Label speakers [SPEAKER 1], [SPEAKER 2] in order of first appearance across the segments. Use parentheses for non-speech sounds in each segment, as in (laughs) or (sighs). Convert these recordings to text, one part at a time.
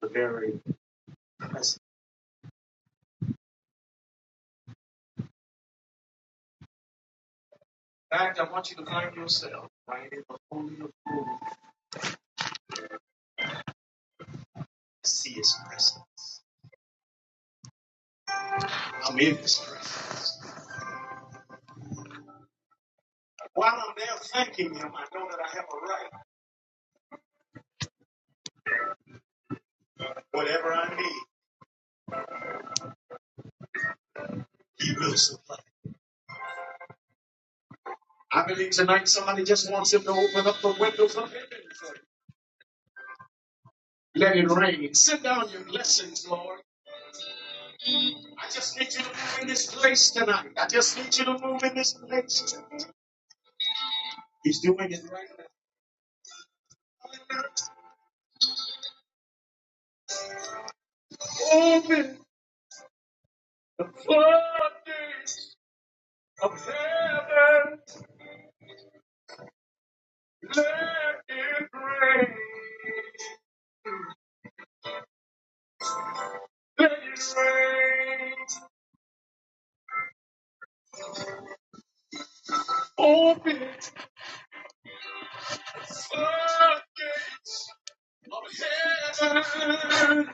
[SPEAKER 1] the very presence. God, I want you to find yourself right in the holy of holies. see His presence. I'm in His presence. While I'm there thanking Him, I know that I have a right. Whatever I need, He will supply. I believe tonight somebody just wants Him to open up the windows of heaven for you. Let it rain. Sit down your blessings, Lord. I just need you to move in this place tonight. I just need you to move in this place tonight. He's doing it right now. Open the floodgates. of heaven, let it rain, let it rain. Open the floodgates of heaven,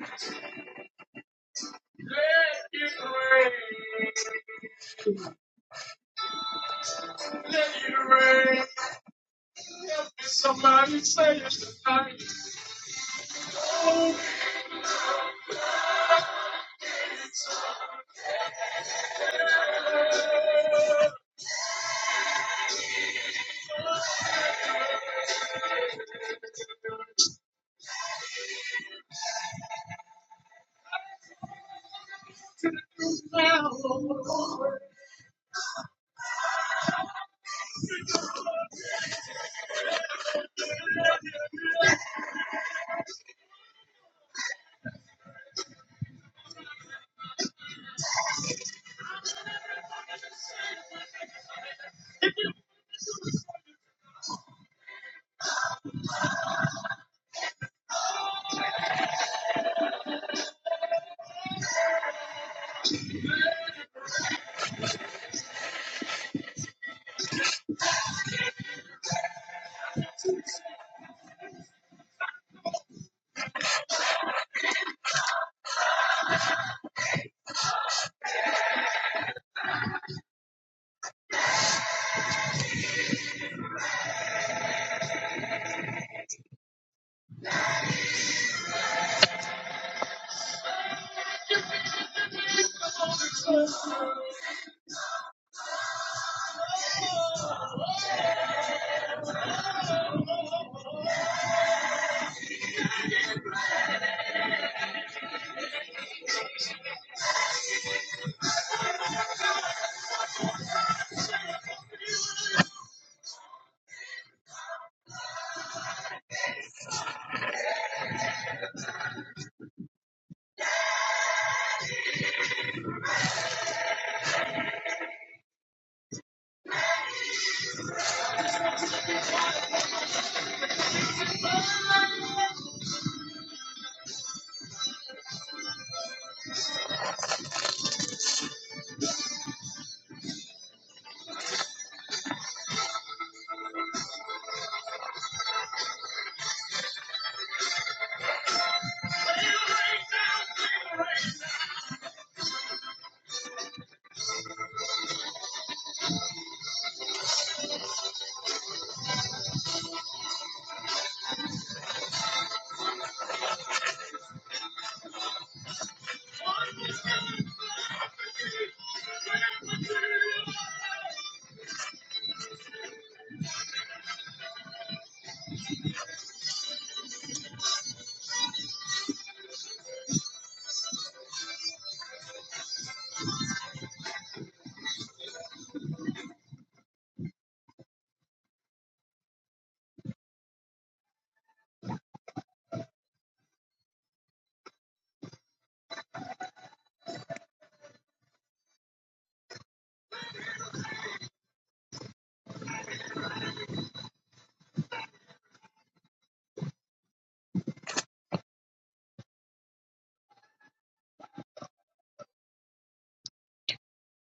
[SPEAKER 1] let it rain, let it rain. Somebody say it tonight.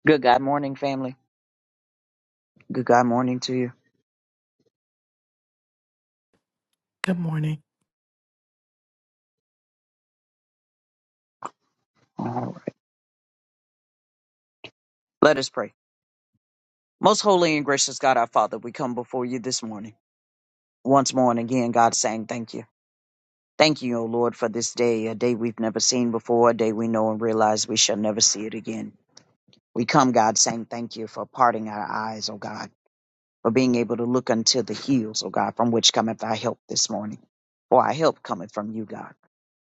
[SPEAKER 1] Good God morning, family. Good God morning to you.
[SPEAKER 2] Good morning.
[SPEAKER 1] All right. Let us pray. Most holy and gracious God, our Father, we come before you this morning. Once more and again, God, saying thank you. Thank you, O Lord, for this day, a day we've never seen before, a day we know and realize we shall never see it again. We come, God, saying thank you for parting our eyes, O God, for being able to look unto the hills, O God, from which cometh our help this morning. For our help cometh from you, God.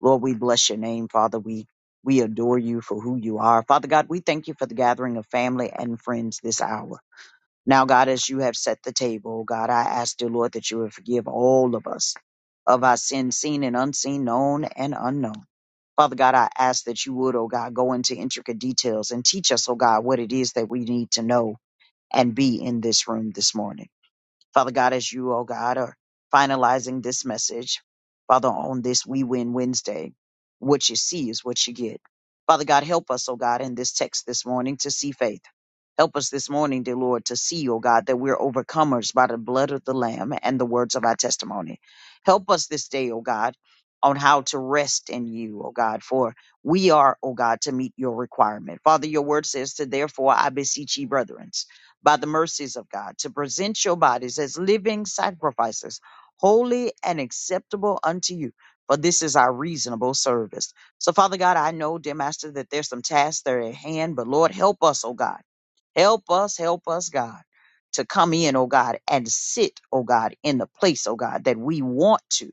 [SPEAKER 1] Lord, we bless your name, Father. We we adore you for who you are. Father God, we thank you for the gathering of family and friends this hour. Now, God, as you have set the table, God, I ask, dear Lord, that you would forgive all of us of our sins, seen and unseen, known and unknown. Father God, I ask that you would, oh God, go into intricate details and teach us, oh God, what it is that we need to know and be in this room this morning. Father God, as you, oh God, are finalizing this message, Father, on this We Win Wednesday, what you see is what you get. Father God, help us, oh God, in this text this morning to see faith. Help us this morning, dear Lord, to see, O God, that we're overcomers by the blood of the Lamb and the words of our testimony. Help us this day, O God, on how to rest in you, O God, for we are, O God, to meet your requirement. Father, your word says to therefore I beseech ye, brethren, by the mercies of God, to present your bodies as living sacrifices, holy and acceptable unto you. For this is our reasonable service. So, Father God, I know, dear Master, that there's some tasks that are at hand, but Lord, help us, O God Help us, help us, God, to come in, oh God, and sit, oh God, in the place, oh God, that we want to.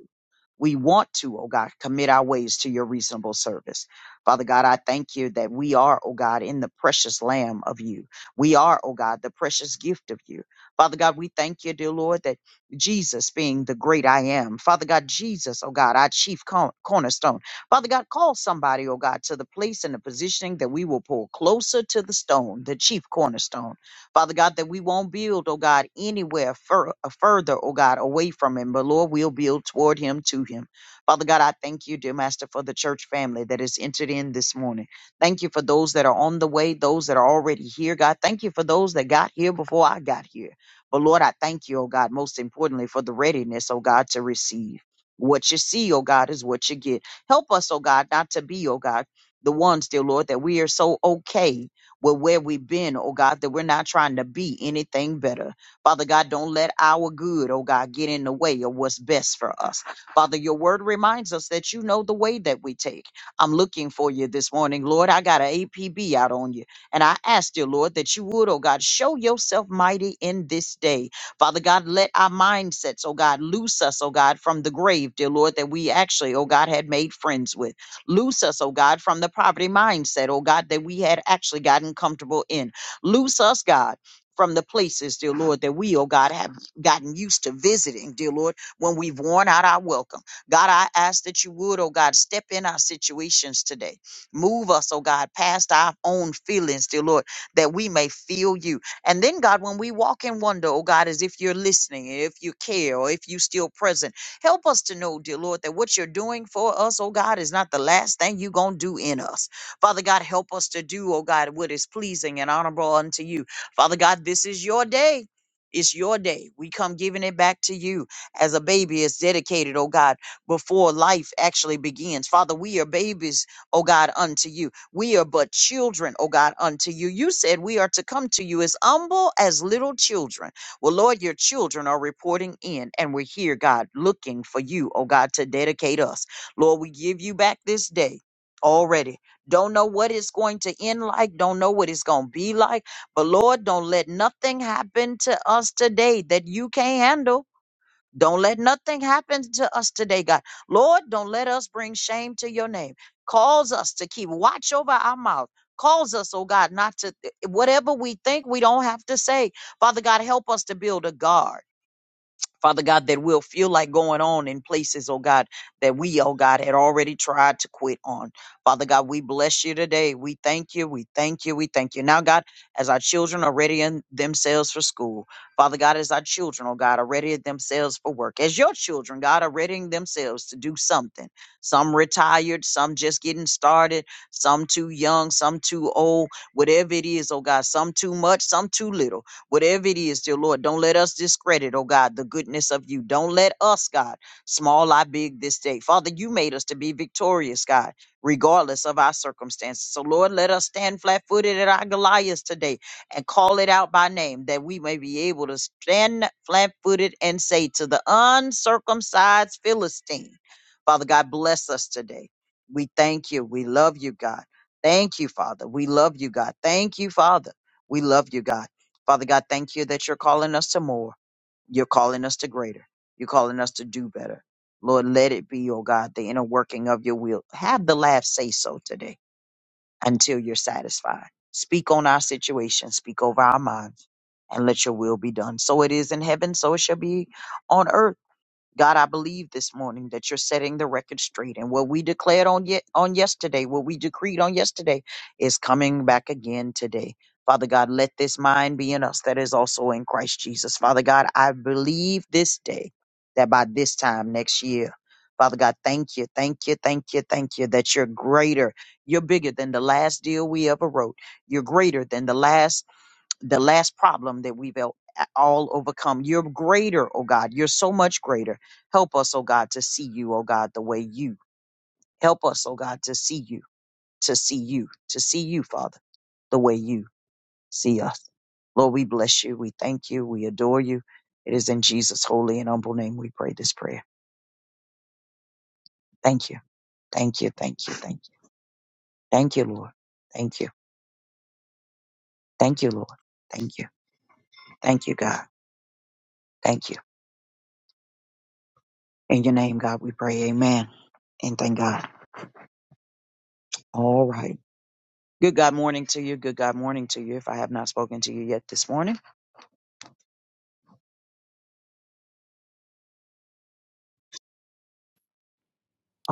[SPEAKER 1] We want to, oh God, commit our ways to your reasonable service. Father God, I thank you that we are, oh God, in the precious lamb of you. We are, oh God, the precious gift of you. Father God, we thank you, dear Lord, that Jesus being the great I am. Father God, Jesus, oh God, our chief corner- cornerstone. Father God, call somebody, oh God, to the place and the positioning that we will pull closer to the stone, the chief cornerstone. Father God, that we won't build, oh God, anywhere fur- uh, further, oh God, away from him, but Lord, we'll build toward him, to him. Father God, I thank you, dear Master, for the church family that is entered in this morning. Thank you for those that are on the way, those that are already here, God. Thank you for those that got here before I got here. But Lord, I thank you, oh God, most importantly, for the readiness, oh God, to receive. What you see, oh God, is what you get. Help us, oh God, not to be, oh God, the ones, dear Lord, that we are so okay with where we've been, oh God, that we're not trying to be anything better. Father God, don't let our good, oh God, get in the way of what's best for us. Father, your word reminds us that you know the way that we take. I'm looking for you this morning, Lord. I got an APB out on you. And I ask you, Lord, that you would, oh God, show yourself mighty in this day. Father God, let our mindsets, oh God, loose us, oh God, from the grave, dear Lord, that we actually, oh God, had made friends with. Loose us, oh God, from the poverty mindset, oh God, that we had actually gotten comfortable in. Loose us, God. From the places, dear Lord, that we, oh God, have gotten used to visiting, dear Lord, when we've worn out our welcome. God, I ask that you would, oh God, step in our situations today. Move us, oh God, past our own feelings, dear Lord, that we may feel you and then, God, when we walk in wonder, oh God, as if you're listening, if you care, or if you're still present, help us to know, dear Lord, that what you're doing for us, oh God, is not the last thing you're going to do in us. Father God, help us to do, oh God, what is pleasing and honorable unto you. Father God, this is your day. It's your day. We come giving it back to you as a baby is dedicated, oh God, before life actually begins. Father, we are babies, oh God, unto you. We are but children, oh God, unto you. You said we are to come to you as humble as little children. Well, Lord, your children are reporting in, and we're here, God, looking for you, oh God, to dedicate us. Lord, we give you back this day already. Don't know what it's going to end like, don't know what it's going to be like, but Lord, don't let nothing happen to us today that you can't handle. Don't let nothing happen to us today, God. Lord, don't let us bring shame to your name. Calls us to keep watch over our mouth. Calls us, oh God, not to whatever we think we don't have to say. Father God, help us to build a guard. Father God, that will feel like going on in places, oh God, that we, oh God, had already tried to quit on. Father God, we bless you today. We thank you. We thank you. We thank you. Now, God, as our children are readying themselves for school, Father God, as our children, oh God, are readying themselves for work, as your children, God, are readying themselves to do something. Some retired, some just getting started, some too young, some too old, whatever it is, oh God, some too much, some too little. Whatever it is, dear Lord, don't let us discredit, oh God, the goodness of you. Don't let us, God, small I big this day. Father, you made us to be victorious, God, regardless of our circumstances. So, Lord, let us stand flat footed at our Goliaths today and call it out by name that we may be able to stand flat footed and say to the uncircumcised Philistine, Father God, bless us today. We thank you. We love you, God. Thank you, Father. We love you, God. Thank you, Father. We love you, God. Father God, thank you that you're calling us to more. You're calling us to greater. You're calling us to do better. Lord, let it be, oh God, the inner working of your will. Have the last say so today until you're satisfied. Speak on our situation, speak over our minds, and let your will be done. So it is in heaven, so it shall be on earth. God, I believe this morning that you're setting the record straight. And what we declared on yet on yesterday, what we decreed on yesterday is coming back again today. Father God, let this mind be in us that is also in Christ Jesus. Father God, I believe this day that by this time next year, Father God, thank you, thank you, thank you, thank you that you're greater. You're bigger than the last deal we ever wrote. You're greater than the last the last problem that we've el- all overcome. You're greater, oh God. You're so much greater. Help us, oh God, to see you, oh God, the way you. Help us, oh God, to see you, to see you, to see you, Father, the way you see us. Lord, we bless you. We thank you. We adore you. It is in Jesus' holy and humble name we pray this prayer. Thank you. Thank you. Thank you. Thank you. Thank you, Lord. Thank you. Thank you, Lord. Thank you. Thank you, God. Thank you. In your name, God, we pray. Amen. And thank God. All right. Good God morning to you. Good God morning to you. If I have not spoken to you yet this morning.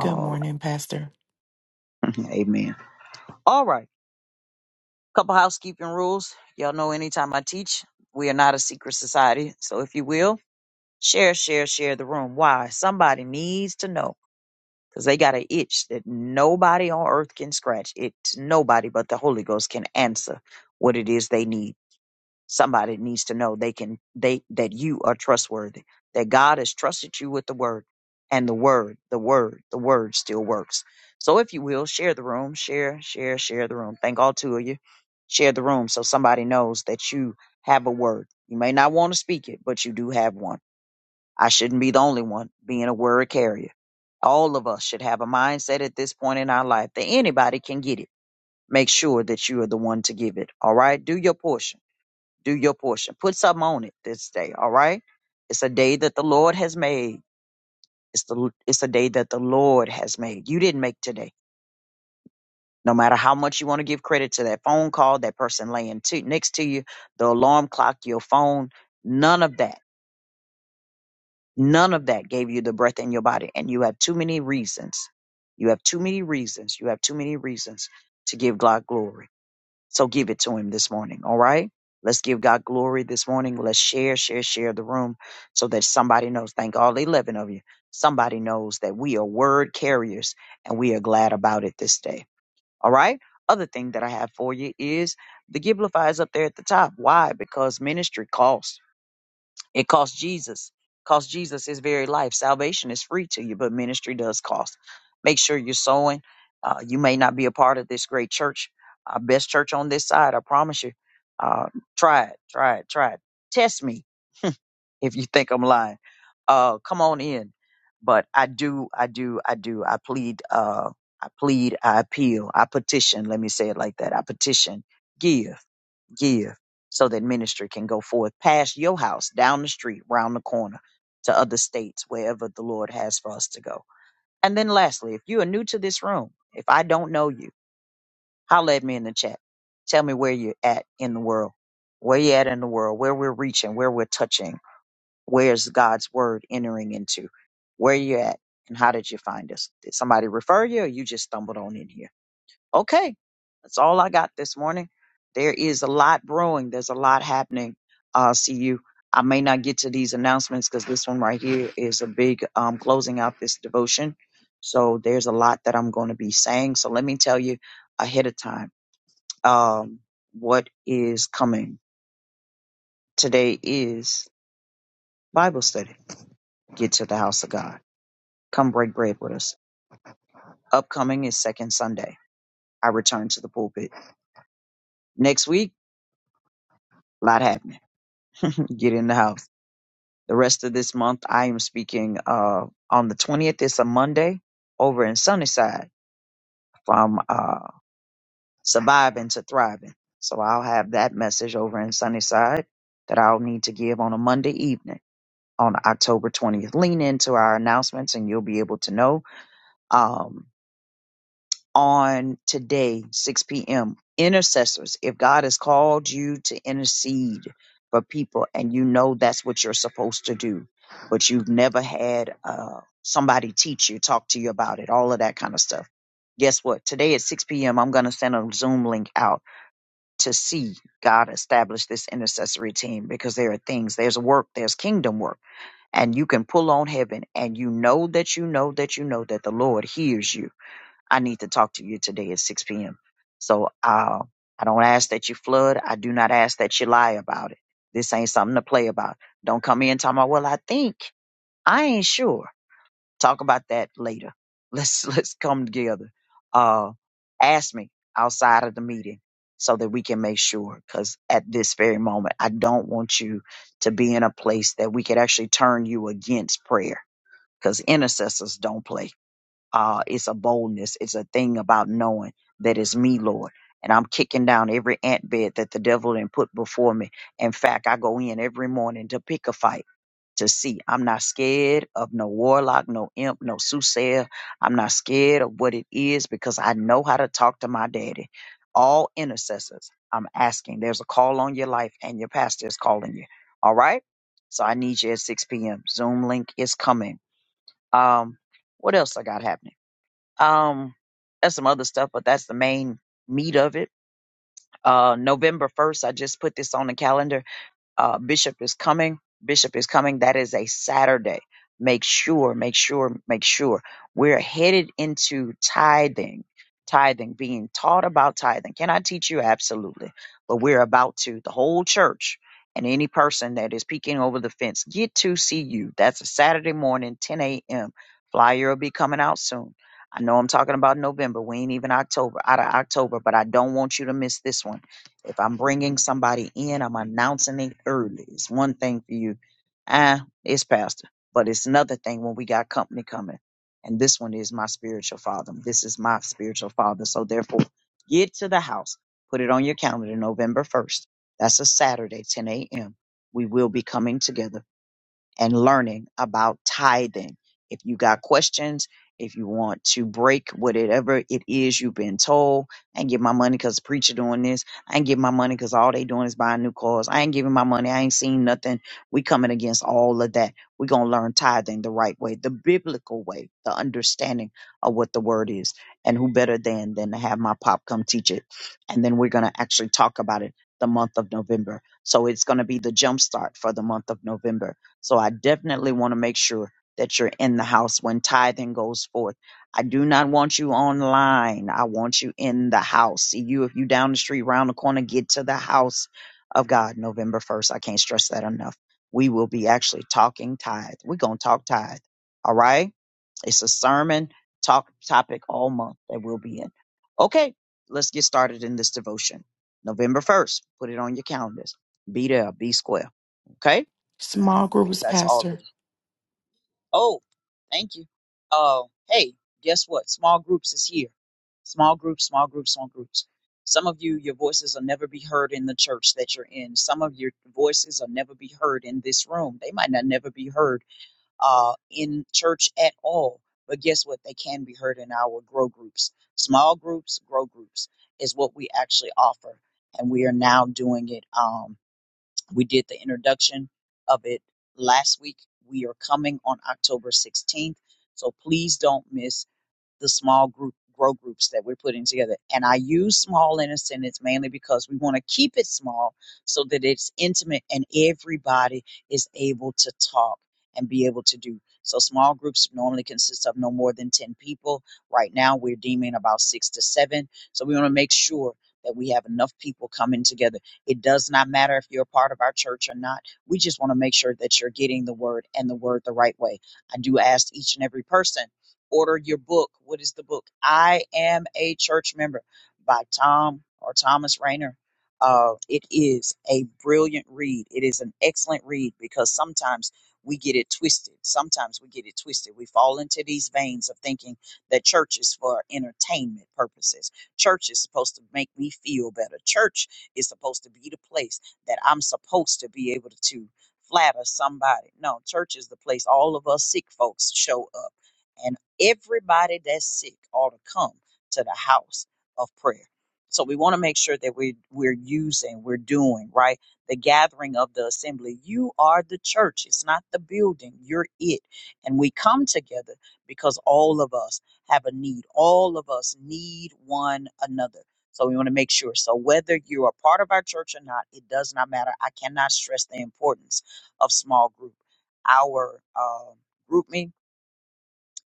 [SPEAKER 2] Good morning, Pastor.
[SPEAKER 1] right. (laughs) Amen. All right. Couple housekeeping rules. Y'all know anytime I teach, we are not a secret society. So if you will, share, share, share the room. Why? Somebody needs to know because they got an itch that nobody on earth can scratch. It's nobody but the Holy Ghost can answer what it is they need. somebody needs to know they can they that you are trustworthy that god has trusted you with the word and the word the word the word still works so if you will share the room share share share the room thank all two of you share the room so somebody knows that you have a word you may not want to speak it but you do have one i shouldn't be the only one being a word carrier all of us should have a mindset at this point in our life that anybody can get it make sure that you are the one to give it all right do your portion do your portion. Put something on it this day, all right? It's a day that the Lord has made. It's the it's a day that the Lord has made. You didn't make today. No matter how much you want to give credit to that phone call, that person laying to, next to you, the alarm clock, your phone, none of that, none of that gave you the breath in your body. And you have too many reasons. You have too many reasons. You have too many reasons to give God glory. So give it to him this morning. All right. Let's give God glory this morning. Let's share, share, share the room so that somebody knows. Thank all 11 of you. Somebody knows that we are word carriers and we are glad about it this day. All right. Other thing that I have for you is the Giblify is up there at the top. Why? Because ministry costs. It cost Jesus. Cost Jesus his very life. Salvation is free to you, but ministry does cost. Make sure you're sowing. Uh, you may not be a part of this great church, uh, best church on this side. I promise you. Uh, try it, try it, try it. Test me if you think I'm lying. Uh, come on in. But I do, I do, I do. I plead, uh, I plead, I appeal, I petition. Let me say it like that. I petition. Give give so that ministry can go forth past your house, down the street, round the corner to other states, wherever the Lord has for us to go. And then lastly, if you are new to this room, if I don't know you, holler at me in the chat. Tell me where you're at in the world, where you're at in the world, where we're reaching, where we're touching, where's God's word entering into, where you're at, and how did you find us? Did somebody refer you or you just stumbled on in here? Okay, that's all I got this morning. There is a lot brewing. There's a lot happening. Uh, see you. I may not get to these announcements because this one right here is a big um, closing out this devotion. So there's a lot that I'm going to be saying. So let me tell you ahead of time um, what is coming. Today is Bible study. Get to the house of God. Come break bread with us. Upcoming is Second Sunday. I return to the pulpit. Next week, a lot happening. (laughs) Get in the house. The rest of this month, I am speaking uh, on the 20th. It's a Monday over in Sunnyside from uh, surviving to thriving. So I'll have that message over in Sunnyside that I'll need to give on a Monday evening on October 20th. Lean into our announcements and you'll be able to know. Um, on today, 6 p.m. Intercessors, if God has called you to intercede for people and you know that's what you're supposed to do, but you've never had uh, somebody teach you, talk to you about it, all of that kind of stuff. Guess what? Today at 6 p.m., I'm going to send a Zoom link out to see God establish this intercessory team because there are things, there's work, there's kingdom work, and you can pull on heaven and you know that you know that you know that the Lord hears you I need to talk to you today at 6 p.m. So uh, I don't ask that you flood. I do not ask that you lie about it. This ain't something to play about. Don't come in talking about, well, I think, I ain't sure. Talk about that later. Let's (laughs) let's come together. Uh, ask me outside of the meeting so that we can make sure. Because at this very moment, I don't want you to be in a place that we could actually turn you against prayer. Because intercessors don't play uh, it's a boldness. It's a thing about knowing that it's me, Lord. And I'm kicking down every ant bed that the devil did put before me. In fact, I go in every morning to pick a fight to see. I'm not scared of no warlock, no imp, no soothsayer. I'm not scared of what it is because I know how to talk to my daddy. All intercessors, I'm asking. There's a call on your life, and your pastor is calling you. All right? So I need you at 6 p.m. Zoom link is coming. Um, what else I got happening? Um, there's some other stuff, but that's the main meat of it. Uh, November 1st, I just put this on the calendar uh, Bishop is coming. Bishop is coming. That is a Saturday. Make sure, make sure, make sure. We're headed into tithing, tithing, being taught about tithing. Can I teach you? Absolutely. But we're about to, the whole church and any person that is peeking over the fence, get to see you. That's a Saturday morning, 10 a.m. Flyer will be coming out soon. I know I'm talking about November. We ain't even October, out of October, but I don't want you to miss this one if I'm bringing somebody in, I'm announcing it early. It's one thing for you, ah, it's pastor, but it's another thing when we got company coming. And this one is my spiritual father. This is my spiritual father. So therefore, get to the house. Put it on your calendar, November 1st. That's a Saturday, 10 a.m. We will be coming together and learning about tithing. If you got questions, if you want to break whatever it is you've been told, I ain't give my money because the preacher doing this. I ain't give my money because all they doing is buying new cars. I ain't giving my money. I ain't seen nothing. We coming against all of that. we going to learn tithing the right way, the biblical way, the understanding of what the word is. And who better than than to have my pop come teach it. And then we're going to actually talk about it the month of November. So it's going to be the jumpstart for the month of November so I definitely want to make sure that you're in the house when tithing goes forth. I do not want you online. I want you in the house. See you if you down the street, round the corner, get to the house of God November 1st. I can't stress that enough. We will be actually talking tithe. We're going to talk tithe. All right. It's a sermon talk topic all month that we'll be in. Okay. Let's get started in this devotion. November 1st. Put it on your calendars. Be there. Be square. Okay
[SPEAKER 2] Small
[SPEAKER 1] think
[SPEAKER 2] groups,
[SPEAKER 1] that's all of the.
[SPEAKER 2] Pastor.
[SPEAKER 1] Oh, thank you. Uh, hey, guess what? Small groups is here. Small groups, small groups, small groups. Some of you, your voices will never be heard in the church that you're in. Some of your voices will never be heard in this room. They might not never be heard uh, in church at all. But guess what? They can be heard in our grow groups. Small groups, grow groups is what we actually offer. And we are now doing it. Um. We did the introduction of it last week. We are coming on October 16th. So please don't miss the small group grow groups that we're putting together. And I use small in a sentence mainly because we want to keep it small so that it's intimate and everybody is able to talk and be able to do. So small groups normally consist of no more than 10 people. Right now we're deeming about six to seven. So we want to make sure that we have enough people coming together. It does not matter if you're a part of our church or not. We just want to make sure that you're getting the word and the word the right way. I do ask each and every person order your book. What is the book? I Am a Church Member by Tom or Thomas Rayner. Uh, it is a brilliant read. It is an excellent read because sometimes we get it twisted. Sometimes we get it twisted. We fall into these veins of thinking that church is for entertainment purposes. Church is supposed to make me feel better. Church is supposed to be the place that I'm supposed to be able to flatter somebody. No, church is the place all of us sick folks show up. and. Everybody that's sick ought to come to the house of prayer. So we want to make sure that we we're using, we're doing, right? The gathering of the assembly. You are the church. It's not the building. You're it. And we come together because all of us have a need. All of us need one another. So we want to make sure. So whether you are part of our church or not, it does not matter. I cannot stress the importance of small group. Our uh, GroupMe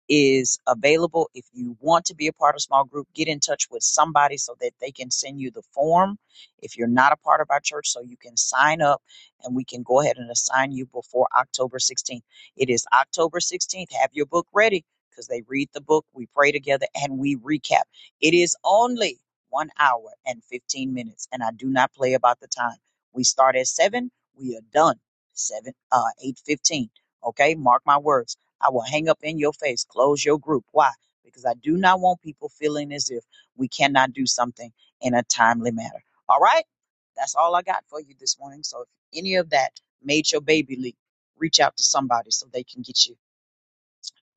[SPEAKER 1] is available. If you want to be a part of small group, get in touch with somebody so that they can send you the form. If you're not a part of our church, so you can sign up and we can go ahead and assign you before October 16th. It is October 16th. Have your book ready because they read the book, we pray together, and we recap. It is only one hour and 15 minutes, and I do not play about the time. We start at 7, we are done. 7 uh 8:15. Okay, mark my words. I will hang up in your face, close your group. Why? Because I do not want people feeling as if we cannot do something in a timely manner. All right? That's all I got for you this morning. So if any of that made your baby leak, reach out to somebody so they can get you,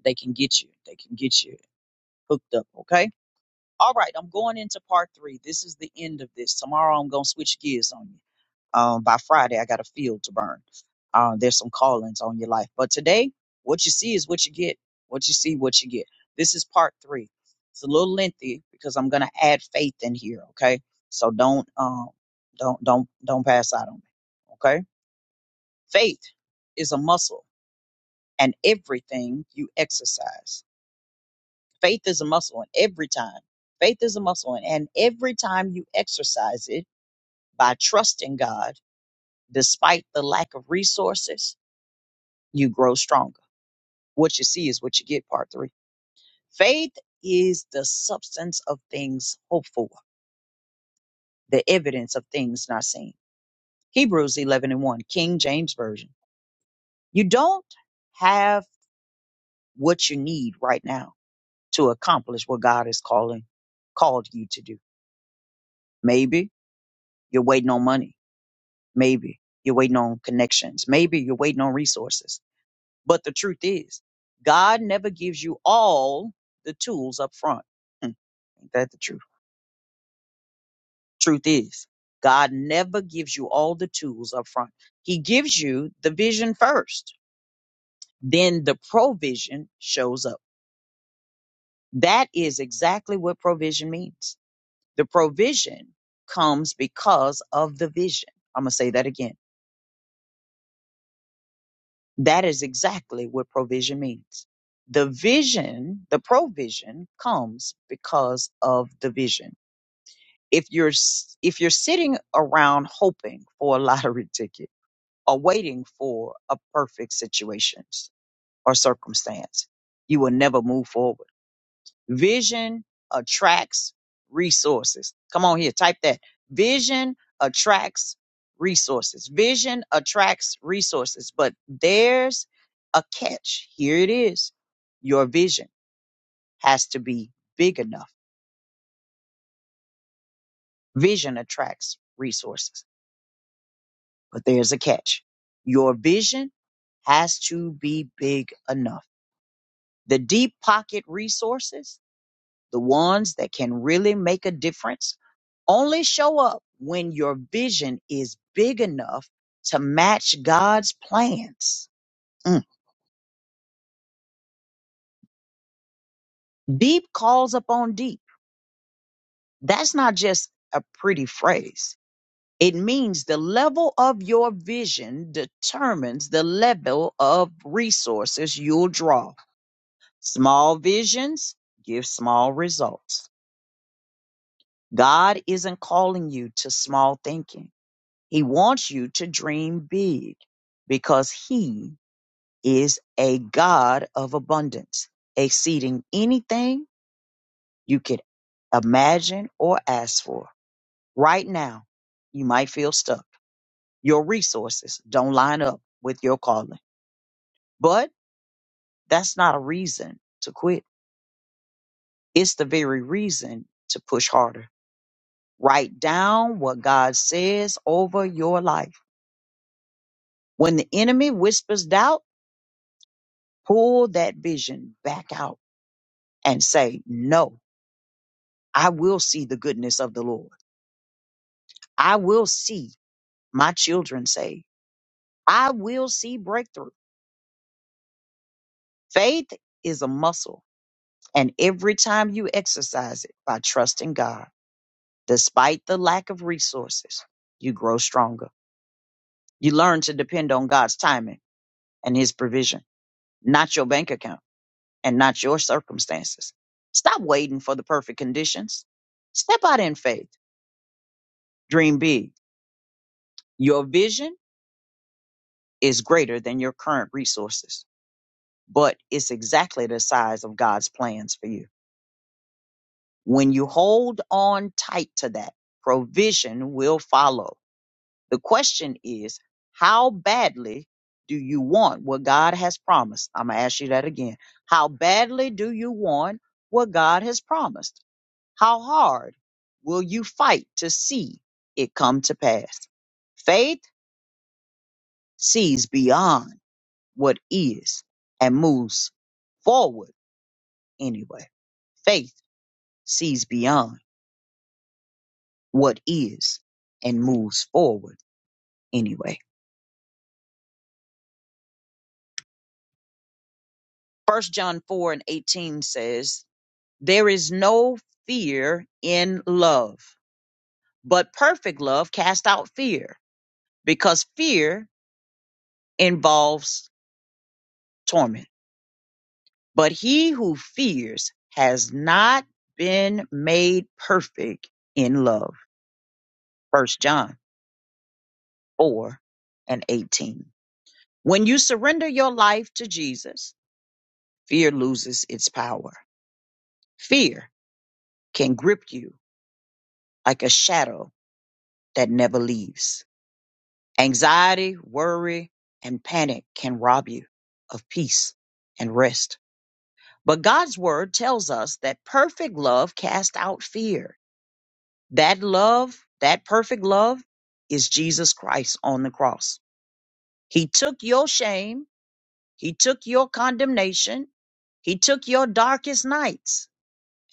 [SPEAKER 1] they can get you, they can get you hooked up. Okay? All right, I'm going into part three. This is the end of this. Tomorrow I'm going to switch gears on you. Um, by Friday, I got a field to burn. Um, there's some callings on your life. But today, what you see is what you get. What you see, what you get. This is part three. It's a little lengthy because I'm gonna add faith in here. Okay, so don't um, don't don't don't pass out on me. Okay, faith is a muscle, and everything you exercise, faith is a muscle, and every time. Faith is a muscle, and and every time you exercise it by trusting God, despite the lack of resources, you grow stronger. What you see is what you get, part three. Faith is the substance of things hoped for, the evidence of things not seen. Hebrews 11 and 1, King James Version. You don't have what you need right now to accomplish what God is calling, called you to do. Maybe you're waiting on money. Maybe you're waiting on connections. Maybe you're waiting on resources. But the truth is, God never gives you all the tools up front. Hmm, ain't that the truth? truth is god never gives you all the tools up front he gives you the vision first then the provision shows up that is exactly what provision means the provision comes because of the vision i'm going to say that again that is exactly what provision means the vision the provision comes because of the vision if you're s- if you're sitting around hoping for a (laughs) lottery ticket or waiting for a perfect situation or circumstance. You will never move forward. Vision attracts resources. Come on here, type that. Vision attracts resources. Vision attracts resources, but there's a catch. Here it is. Your vision has to be big enough. Vision attracts resources, but there's a catch. Your vision has to be big enough The deep pocket resources, the ones that can really make a difference, only show up when your vision is big enough to match God's plans. Mm. Deep calls upon deep. That's not just a pretty phrase. It means the level of your vision determines the level of resources you'll draw. Small visions give small results. God isn't calling you to small thinking. He wants you to dream big because he is a God of abundance, exceeding anything you could imagine or ask for. Right now, you might feel stuck. Your resources don't line up with your calling, but that's not a reason to quit. It's the very reason to push harder. Write down what God says over your life. When the enemy whispers doubt, pull that vision back out and say, No, I will see the goodness of the Lord. I will see my children saved. I will see breakthrough. Faith is a muscle. And every time you exercise it by trusting God, despite the lack of resources, you grow stronger. You learn to depend on God's timing and His provision, not your bank account and not your circumstances. Stop waiting for the perfect conditions. Step out in faith. Dream big. Your vision is greater than your current resources, but it's exactly the size of God's plans for you. When you hold on tight to that, provision will follow. The question is, how badly do you want what God has promised? I'm going to ask you that again. How badly do you want what God has promised? How hard will you fight to see it come to pass? Faith sees beyond what is and moves forward anyway. Faith sees beyond what is and moves forward anyway. First John 4 and 18 says, There is no fear in love, but perfect love cast out fear, because fear involves torment. But he who fears has not been made perfect in love. First John 4 and 18 When you surrender your life to Jesus, fear loses its power. Fear can grip you like a shadow that never leaves. Anxiety, worry, and panic can rob you of peace and rest. But God's word tells us that perfect love casts out fear. That love, that perfect love, is Jesus Christ on the cross. He took your shame, He took your condemnation, He took your darkest nights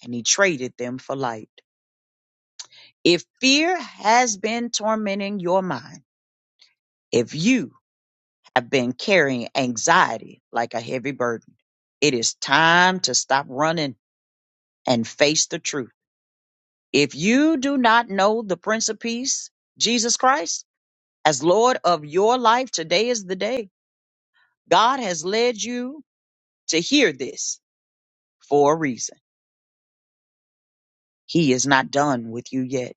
[SPEAKER 1] and he traded them for light. If fear has been tormenting your mind, if you have been carrying anxiety like a heavy burden, it is time to stop running and face the truth. If you do not know the Prince of Peace, Jesus Christ, as Lord of your life, today is the day. God has led you to hear this for a reason. He is not done with you yet.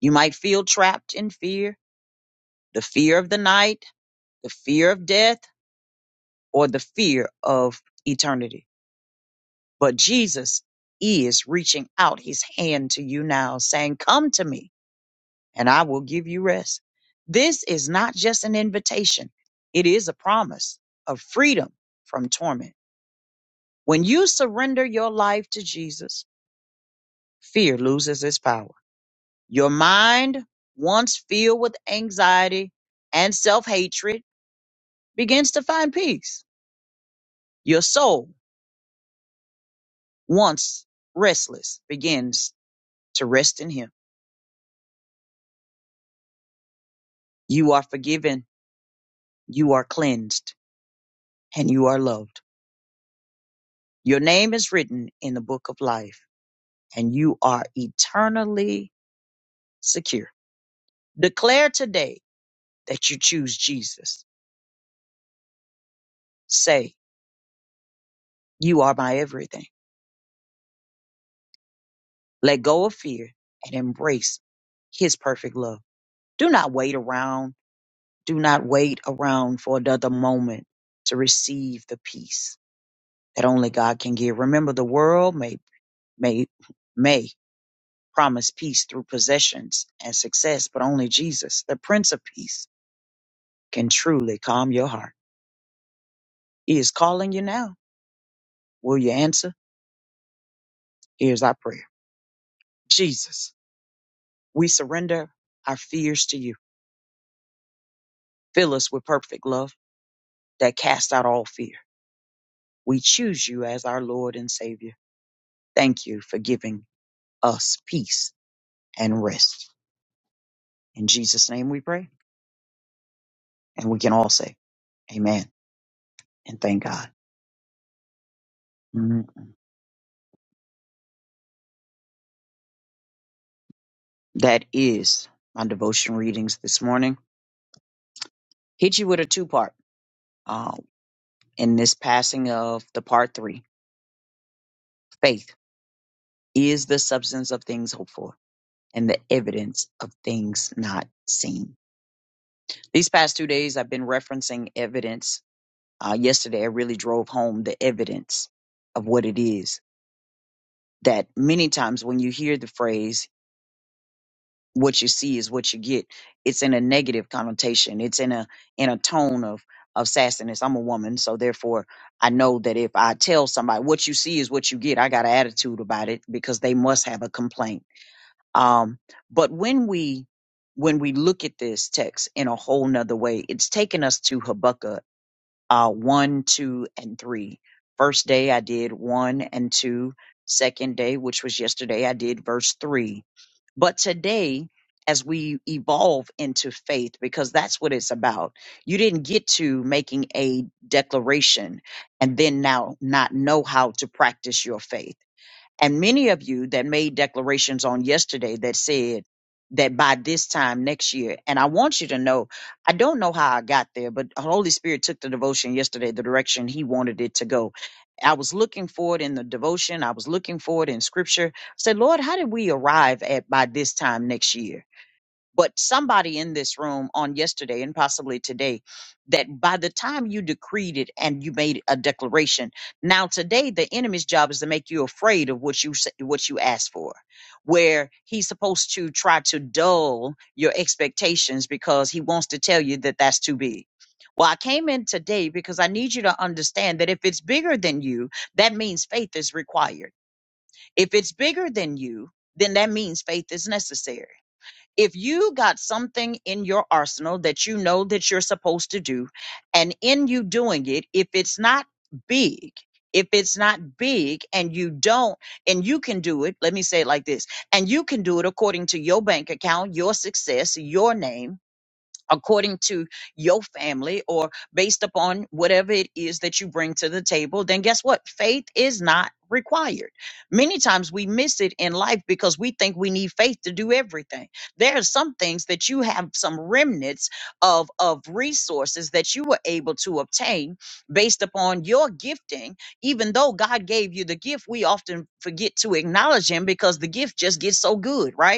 [SPEAKER 1] You might feel trapped in fear, the fear of the night, the fear of death or the fear of eternity. But Jesus is reaching out his hand to you now, saying, Come to me and I will give you rest. This is not just an invitation, it is a promise of freedom from torment. When you surrender your life to Jesus, fear loses its power. Your mind, once filled with anxiety and self hatred, begins to find peace. Your soul, once restless, begins to rest in Him. You are forgiven, you are cleansed, and you are loved. Your name is written in the book of life, and you are eternally secure. Declare today that you choose Jesus. Say, You are my everything. Let go of fear and embrace His perfect love. Do not wait around. Do not wait around for another moment to receive the peace that only God can give. Remember, the world may, may, may promise peace through possessions and success, but only Jesus, the Prince of Peace, can truly calm your heart. He is calling you now. Will you answer? Here's our prayer Jesus, we surrender our fears to you. Fill us with perfect love that casts out all fear. We choose you as our Lord and Savior. Thank you for giving us peace and rest. In Jesus' name we pray. And we can all say, Amen and thank God. Mhm. That is my devotion readings this morning. hit you with a two part um, in this passing of the part three. Faith is the substance of things hoped for and the evidence of things not seen. These past two days, I've been referencing evidence. Uh, yesterday, I really drove home the evidence of what it is. That many times when you hear the phrase, what you see is what you get. It's in a negative connotation. It's in a in a tone of of sassiness. I'm a woman, so therefore I know that if I tell somebody what you see is what you get, I got an attitude about it because they must have a complaint. Um, but when we when we look at this text in a whole nother way, it's taken us to Habakkuk uh, one, two, and three. First day I did one and two. Second day, which was yesterday, I did verse three. But today, as we evolve into faith, because that's what it's about, you didn't get to making a declaration and then now not know how to practice your faith. And many of you that made declarations on yesterday that said that by this time next year, and I want you to know, I don't know how I got there, but Holy Spirit took the devotion yesterday the direction He wanted it to go. I was looking for it in the devotion, I was looking for it in scripture. I said, Lord, how did we arrive at by this time next year? but somebody in this room on yesterday and possibly today that by the time you decreed it and you made a declaration now today the enemy's job is to make you afraid of what you sa- what you asked for where he's supposed to try to dull your expectations because he wants to tell you that that's too big well, I came in today because I need you to understand that if it's bigger than you, that means faith is required. If it's bigger than you, then that means faith is necessary if you got something in your arsenal that you know that you're supposed to do and in you doing it if it's not big if it's not big and you don't and you can do it let me say it like this and you can do it according to your bank account your success your name according to your family or based upon whatever it is that you bring to the table, then guess what? Faith is not required. Many times we miss it in life because we think we need faith to do everything. There are some things that you have some remnants of of resources that you were able to obtain based upon your gifting. Even though God gave you the gift, we often forget to acknowledge him because the gift just gets so good, right?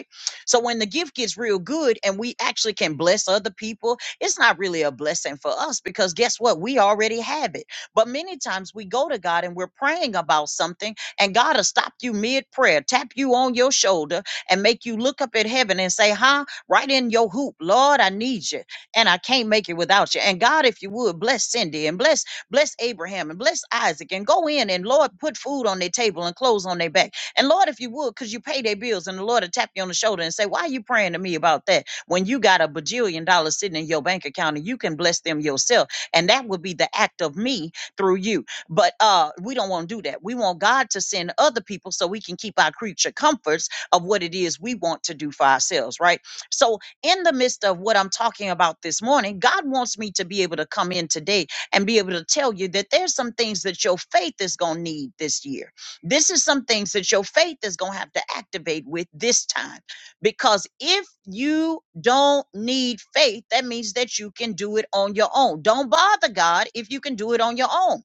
[SPEAKER 1] So when the gift gets real good and we actually can bless other people, it's not really a blessing for us because guess what? We already have it. But many times we go to God and we're praying about something, and God will stop you mid prayer, tap you on your shoulder, and make you look up at heaven and say, Huh? Right in your hoop, Lord, I need you, and I can't make it without you. And God, if you would, bless Cindy and bless bless Abraham and bless Isaac and go in and Lord, put food on their table and clothes on their back and Lord, if you would, because you pay their bills, and the Lord will tap you on the shoulder and say, Why are you praying to me about that? When you got a bajillion dollars sitting in your bank account and you can bless them yourself. And that would be the act of me through you. But uh, we don't want to do that. We want God to send other people so we can keep our creature comforts of what it is we want to do for ourselves, right? So, in the midst of what I'm talking about this morning, God wants me to be able to come in today and be able to tell you that there's some things that your faith is going to need this year this is some things that your faith is going to have to activate with this time because if you don't need faith that means that you can do it on your own don't bother god if you can do it on your own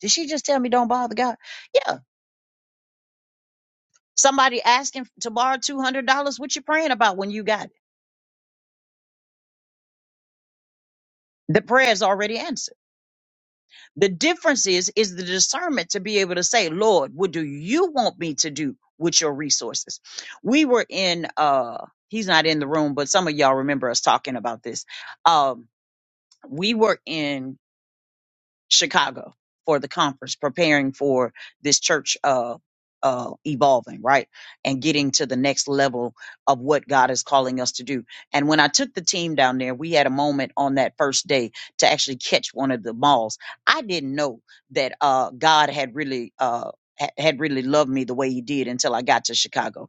[SPEAKER 1] did she just tell me don't bother god yeah somebody asking to borrow $200 what you praying about when you got it the prayer is already answered The difference is is the discernment to be able to say, Lord, what do you want me to do with your resources? We were in uh he's not in the room, but some of y'all remember us talking about this. Um we were in Chicago for the conference, preparing for this church uh, uh, evolving, right? And getting to the next level of what God is calling us to do. And when I took the team down there, we had a moment on that first day to actually catch one of the malls. I didn't know that uh, God had really. Uh, ha- had really loved me the way he did until I got to Chicago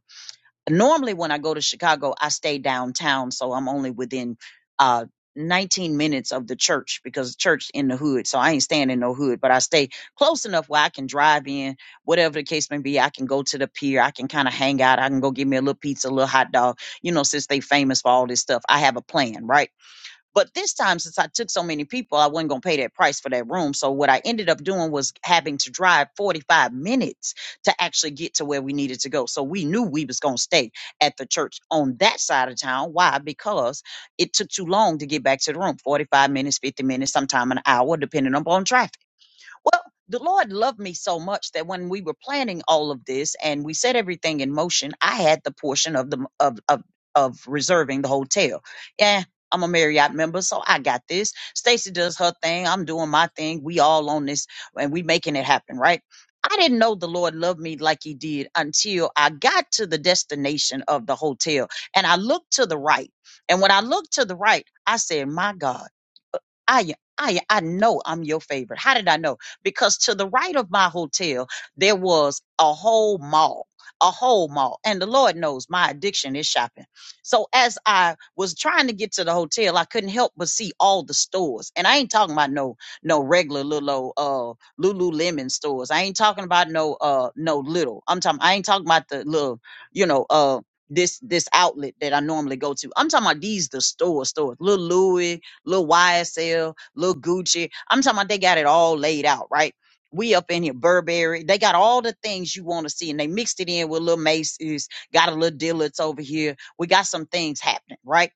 [SPEAKER 1] normally when I go to Chicago, I stay downtown, so I'm only within uh 19 minutes of the church because the church in the hood, so I ain't staying in no hood, but I stay close enough where I can drive in, whatever the case may be. I can go to the pier, I can kind of hang out, I can go get me a little pizza, a little hot dog. You know, since they famous for all this stuff, I have a plan, right? But this time, since I took so many people, I wasn't going to pay that price for that room. So what I ended up doing was having to drive 45 minutes to actually get to where we needed to go. So we knew we was going to stay at the church on that side of town. Why? Because it took too long to get back to the room. 45 minutes, 50 minutes, sometime an hour, depending upon traffic. Well, the Lord loved me so much that when we were planning all of this and we set everything in motion, I had the portion of the of of of reserving the hotel. Yeah, I'm a Marriott member, so I got this. Stacy does her thing. I'm doing my thing. We all on this and we making it happen, right? I didn't know the Lord loved me like he did until I got to the destination of the hotel and I looked to the right. And when I looked to the right, I said, "My God, I I I know I'm your favorite. How did I know? Because to the right of my hotel there was a whole mall. A whole mall. And the Lord knows my addiction is shopping. So as I was trying to get to the hotel, I couldn't help but see all the stores. And I ain't talking about no no regular little old, uh Lululemon stores. I ain't talking about no uh no little. I'm talking I ain't talking about the little, you know, uh this this outlet that I normally go to. I'm talking about these the store stores. Little Louis, little YSL, little Gucci. I'm talking about they got it all laid out, right? We up in here, Burberry. They got all the things you want to see, and they mixed it in with little Macy's. Got a little Dillard's over here. We got some things happening, right?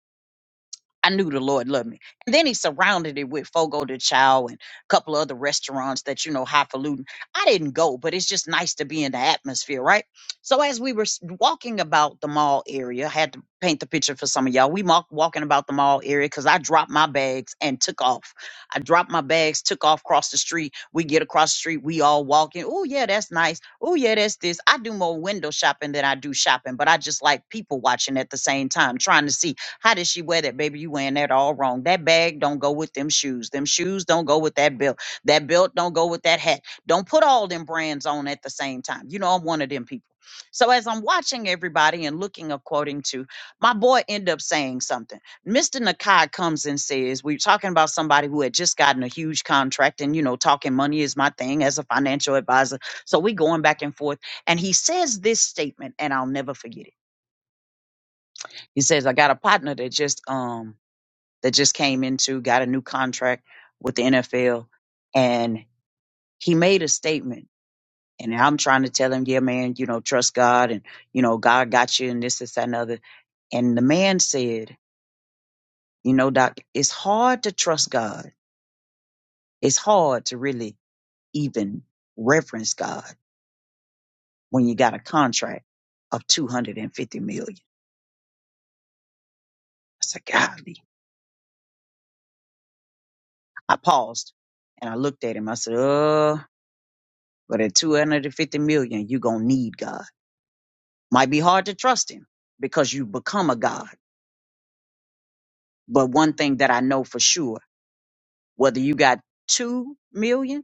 [SPEAKER 1] I knew the Lord loved me. And then he surrounded it with Fogo de Chao and a couple of other restaurants that, you know, highfalutin. I didn't go, but it's just nice to be in the atmosphere, right? So as we were s- walking about the mall area, I had to paint the picture for some of y'all. We walk, walking about the mall area because I dropped my bags and took off. I dropped my bags, took off across the street. We get across the street, we all walking. Oh, yeah, that's nice. Oh, yeah, that's this. I do more window shopping than I do shopping, but I just like people watching at the same time, trying to see how did she wear that, baby? You wearing that all wrong. That bag don't go with them shoes. Them shoes don't go with that belt. That belt don't go with that hat. Don't put all them brands on at the same time. You know, I'm one of them people. So as I'm watching everybody and looking or quoting to, my boy end up saying something. Mr. Nakai comes and says, we're talking about somebody who had just gotten a huge contract and, you know, talking money is my thing as a financial advisor. So we going back and forth. And he says this statement and I'll never forget it. He says, I got a partner that just, um, that just came into, got a new contract with the NFL. And he made a statement. And I'm trying to tell him, yeah, man, you know, trust God and, you know, God got you and this, this, that, and other. And the man said, you know, Doc, it's hard to trust God. It's hard to really even reference God when you got a contract of 250 million. I said, golly. I paused and I looked at him. I said, oh, but at 250 million, you're going to need God. Might be hard to trust him because you become a God. But one thing that I know for sure, whether you got two million,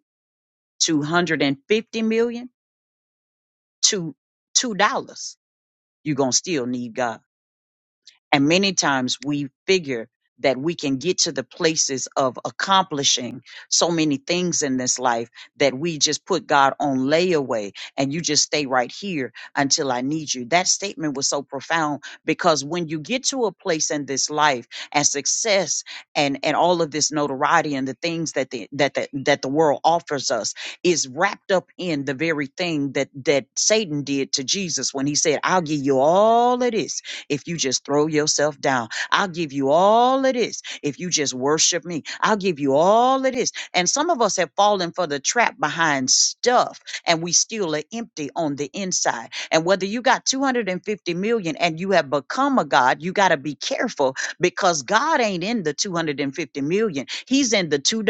[SPEAKER 1] two hundred and fifty million, two two dollars, you're gonna still need God. And many times we figure that we can get to the places of accomplishing so many things in this life that we just put God on layaway and you just stay right here until I need you. That statement was so profound because when you get to a place in this life and success and and all of this notoriety and the things that the that the, that the world offers us is wrapped up in the very thing that that Satan did to Jesus when he said, "I'll give you all of this if you just throw yourself down. I'll give you all of this if you just worship me. I'll give you all of this. And some of us have fallen for the trap behind stuff and we still are empty on the inside. And whether you got 250 million and you have become a God, you got to be careful because God ain't in the 250 million. He's in the $2,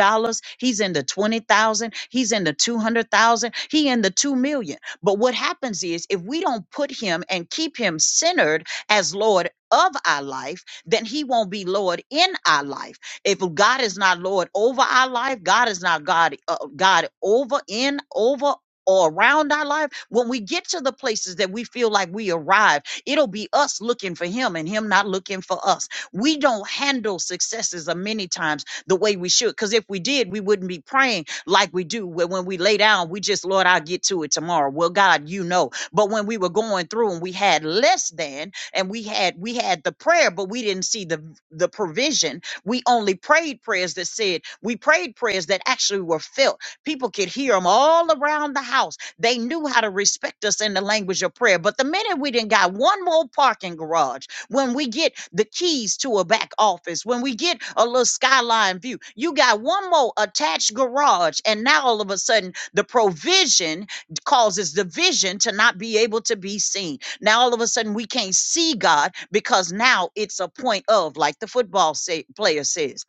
[SPEAKER 1] he's in the 20,000, he's in the 200,000, he in the 2 million. But what happens is if we don't put him and keep him centered as Lord of our life, then He won't be Lord in our life. If God is not Lord over our life, God is not God, uh, God over, in, over, or around our life, when we get to the places that we feel like we arrived, it'll be us looking for Him and Him not looking for us. We don't handle successes uh, many times the way we should, because if we did, we wouldn't be praying like we do. Where when we lay down, we just, Lord, I'll get to it tomorrow. Well, God, you know. But when we were going through and we had less than, and we had we had the prayer but we didn't see the the provision we only prayed prayers that said we prayed prayers that actually were felt people could hear them all around the house they knew how to respect us in the language of prayer but the minute we didn't got one more parking garage when we get the keys to a back office when we get a little skyline view you got one more attached garage and now all of a sudden the provision causes the vision to not be able to be seen now all of a sudden we can't see God because now it's a point of, like the football say, player says,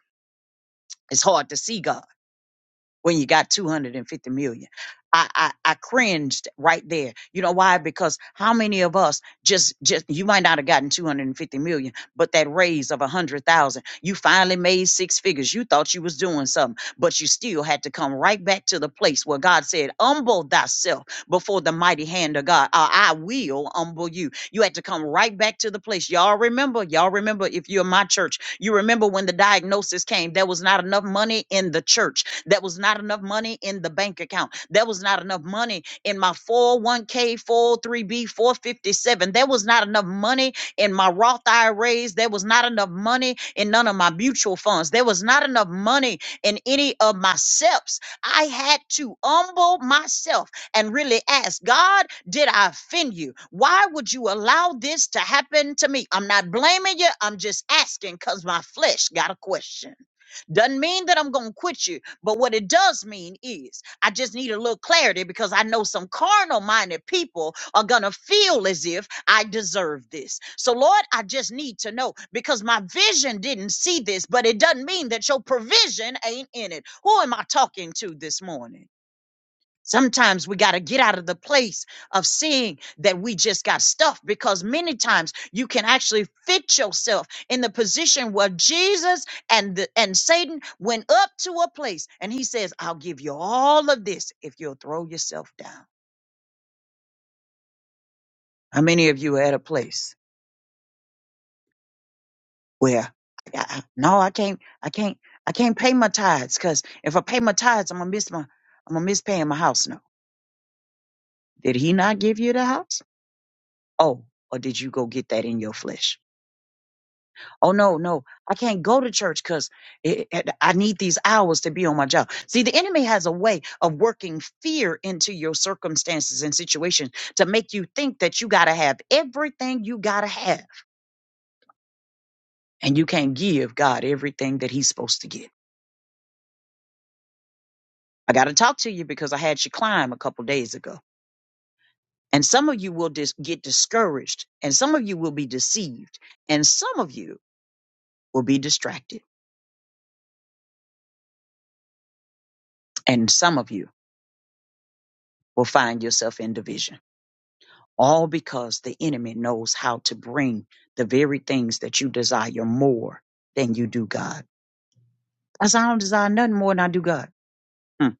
[SPEAKER 1] it's hard to see God when you got 250 million. I, I, I cringed right there. You know why? Because how many of us just just you might not have gotten 250 million, but that raise of a hundred thousand, you finally made six figures. You thought you was doing something, but you still had to come right back to the place where God said, Humble thyself before the mighty hand of God. Uh, I will humble you. You had to come right back to the place. Y'all remember, y'all remember if you're in my church, you remember when the diagnosis came, there was not enough money in the church there was not enough money in the bank account. There was not enough money in my 401k, 403b, 457. There was not enough money in my Roth IRAs. There was not enough money in none of my mutual funds. There was not enough money in any of my SEPs. I had to humble myself and really ask God, did I offend you? Why would you allow this to happen to me? I'm not blaming you. I'm just asking because my flesh got a question. Doesn't mean that I'm going to quit you. But what it does mean is I just need a little clarity because I know some carnal minded people are going to feel as if I deserve this. So, Lord, I just need to know because my vision didn't see this, but it doesn't mean that your provision ain't in it. Who am I talking to this morning? Sometimes we got to get out of the place of seeing that we just got stuff because many times you can actually fit yourself in the position where Jesus and the, and Satan went up to a place and he says, "I'll give you all of this if you'll throw yourself down." How many of you are at a place where I, I- no, I can't, I can't, I can't pay my tithes because if I pay my tithes, I'm gonna miss my, I'm gonna miss paying my house. No, did he not give you the house? Oh, or did you go get that in your flesh? Oh no, no, I can't go to church because I need these hours to be on my job. See, the enemy has a way of working fear into your circumstances and situations to make you think that you got to have everything you got to have, and you can't give God everything that He's supposed to give. I got to talk to you because I had you climb a couple days ago. And some of you will dis- get discouraged, and some of you will be deceived, and some of you will be distracted, and some of you will find yourself in division. All because the enemy knows how to bring the very things that you desire more than you do God. I said, I don't desire nothing more than I do God. Hmm.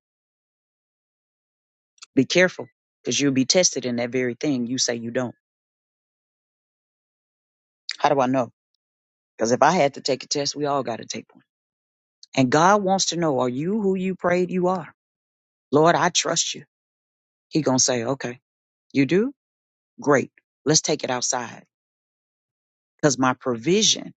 [SPEAKER 1] Be careful because you'll be tested in that very thing you say you don't. How do I know? Because if I had to take a test, we all got to take one. And God wants to know, are you who you prayed you are? Lord, I trust you. He going to say, okay, you do? Great. Let's take it outside because my provision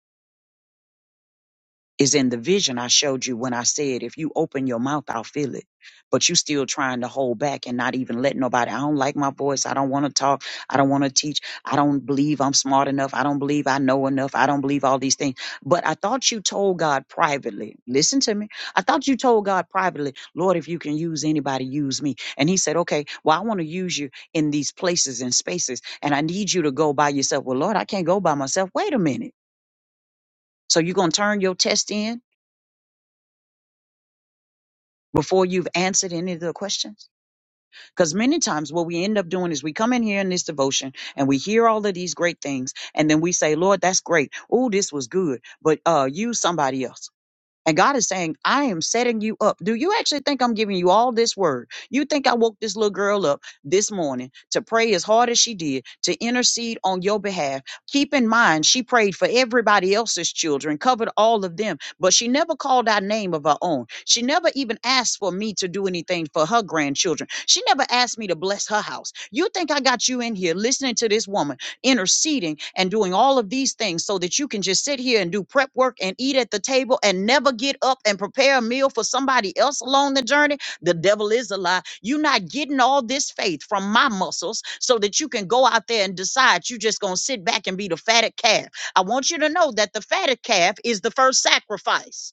[SPEAKER 1] is in the vision I showed you when I said, if you open your mouth, I'll feel it. But you still trying to hold back and not even let nobody. I don't like my voice. I don't want to talk. I don't want to teach. I don't believe I'm smart enough. I don't believe I know enough. I don't believe all these things. But I thought you told God privately. Listen to me. I thought you told God privately, Lord, if you can use anybody, use me. And he said, okay, well, I want to use you in these places and spaces. And I need you to go by yourself. Well, Lord, I can't go by myself. Wait a minute. So you're going to turn your test in? before you've answered any of the questions? Because many times what we end up doing is we come in here in this devotion and we hear all of these great things, and then we say, Lord, that's great. Oh, this was good. But uh use somebody else. And God is saying, I am setting you up. Do you actually think I'm giving you all this word? You think I woke this little girl up this morning to pray as hard as she did, to intercede on your behalf? Keep in mind, she prayed for everybody else's children, covered all of them, but she never called out name of her own. She never even asked for me to do anything for her grandchildren. She never asked me to bless her house. You think I got you in here listening to this woman? interceding and doing all of these things so that you can just sit here and do prep work and eat at the table and never get up and prepare a meal for somebody else along the journey. The devil is a lie. You're not getting all this faith from my muscles so that you can go out there and decide you're just going to sit back and be the fatted calf. I want you to know that the fatted calf is the first sacrifice.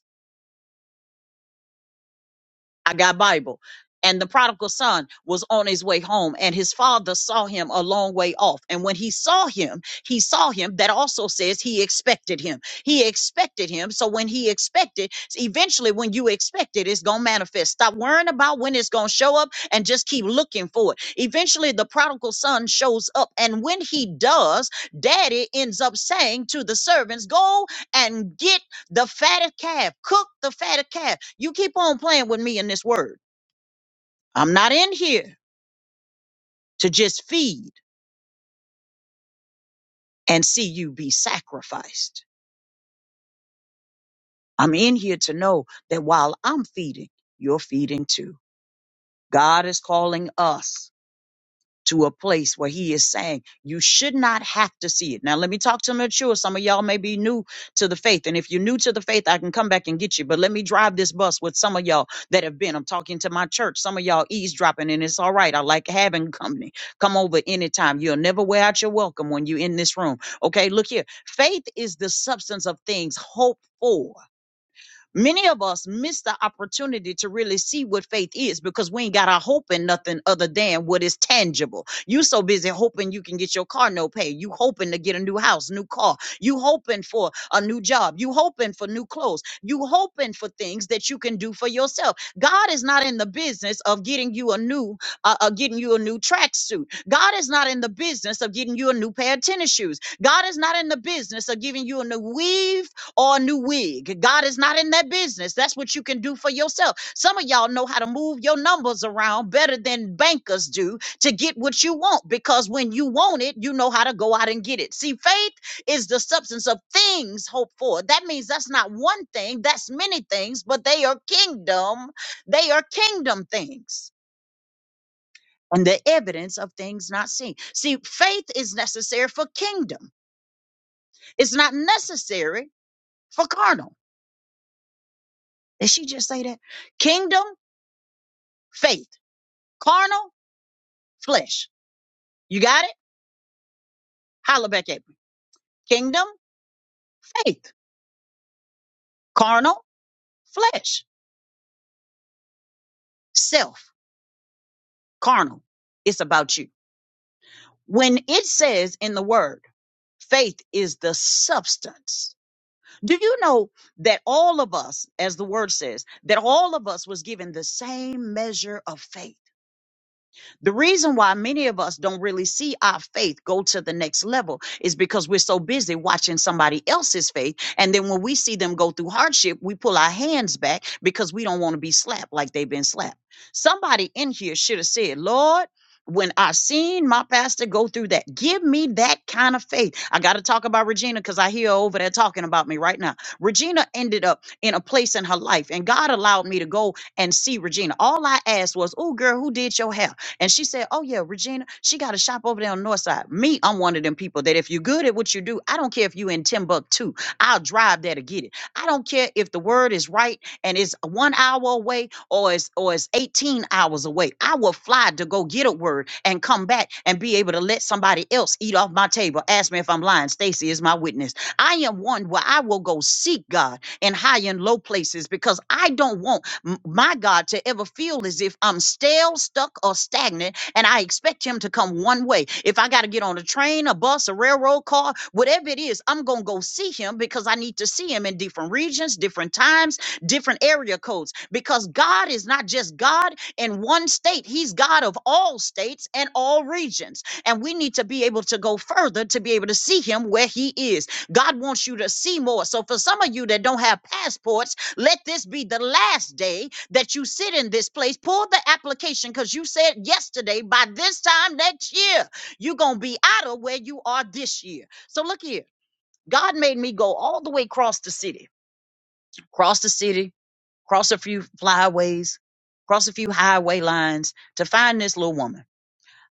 [SPEAKER 1] I got Bible. And the prodigal son was on his way home, and his father saw him a long way off. And when he saw him, he saw him. That also says he expected him. He expected him. So when he expected, eventually when you expect it, it's going to manifest. Stop worrying about when it's going to show up and just keep looking for it. Eventually, the prodigal son shows up. And when he does, daddy ends up saying to the servants, Go and get the fatted calf. Cook the fatted calf. You keep on playing with me in this word. I'm not in here to just feed and see you be sacrificed. I'm in here to know that while I'm feeding, you're feeding too. God is calling us to a place where he is saying you should not have to see it. Now let me talk to mature. Some of y'all may be new to the faith. And if you're new to the faith, I can come back and get you. But let me drive this bus with some of y'all that have been. I'm talking to my church. Some of y'all eavesdropping and it's all right. I like having company. Come over anytime. You'll never wear out your welcome when you're in this room. Okay, look here. Faith is the substance of things hoped for. Many of us miss the opportunity to really see what faith is because we ain't got our hope in nothing other than what is tangible. You so busy hoping you can get your car no pay. You hoping to get a new house, new car. You hoping for a new job. You hoping for new clothes. You hoping for things that you can do for yourself. God is not in the business of getting you a new, uh, uh, getting you a new tracksuit. God is not in the business of getting you a new pair of tennis shoes. God is not in the business of giving you a new weave or a new wig. God is not in that business. That's what you can do for yourself. Some of y'all know how to move your numbers around better than bankers do to get what you want because when you want it, you know how to go out and get it. See, faith is the substance of things hoped for. That means that's not one thing, that's many things, but they are kingdom. They are kingdom things. And the evidence of things not seen. See, faith is necessary for kingdom. It's not necessary for carnal. Did she just say that? Kingdom, faith, carnal, flesh. You got it? Holla back at me. Kingdom, faith, carnal, flesh, self, carnal. It's about you. When it says in the word, faith is the substance. Do you know that all of us, as the word says, that all of us was given the same measure of faith? The reason why many of us don't really see our faith go to the next level is because we're so busy watching somebody else's faith. And then when we see them go through hardship, we pull our hands back because we don't want to be slapped like they've been slapped. Somebody in here should have said, Lord, when I seen my pastor go through that, give me that kind of faith. I got to talk about Regina because I hear her over there talking about me right now. Regina ended up in a place in her life, and God allowed me to go and see Regina. All I asked was, Oh, girl, who did your hair? And she said, Oh, yeah, Regina, she got a shop over there on the north side. Me, I'm one of them people that if you're good at what you do, I don't care if you in Timbuktu, I'll drive there to get it. I don't care if the word is right and it's one hour away or it's, or it's 18 hours away. I will fly to go get a word and come back and be able to let somebody else eat off my table. Ask me if I'm lying. Stacy is my witness. I am one where I will go seek God in high and low places because I don't want m- my God, to ever feel as if I'm stale, stuck, or stagnant, and I expect Him to come one way. If I got to get on a train, a bus, a railroad car, whatever it is, I'm going to go see Him because I need to see Him in different regions, different times, different area codes. Because God is not just God in one state, He's God of all states and all regions. And we need to be able to go further to be able to see Him where He is. God wants you to see more. So for some of you that don't have passports, let this be the last day that you sit in this place. Pull the application because you said yesterday, by this time next year, you're going to be out of where you are this year. So look here. God made me go all the way across the city, across the city, cross a few flyways, cross a few highway lines to find this little woman.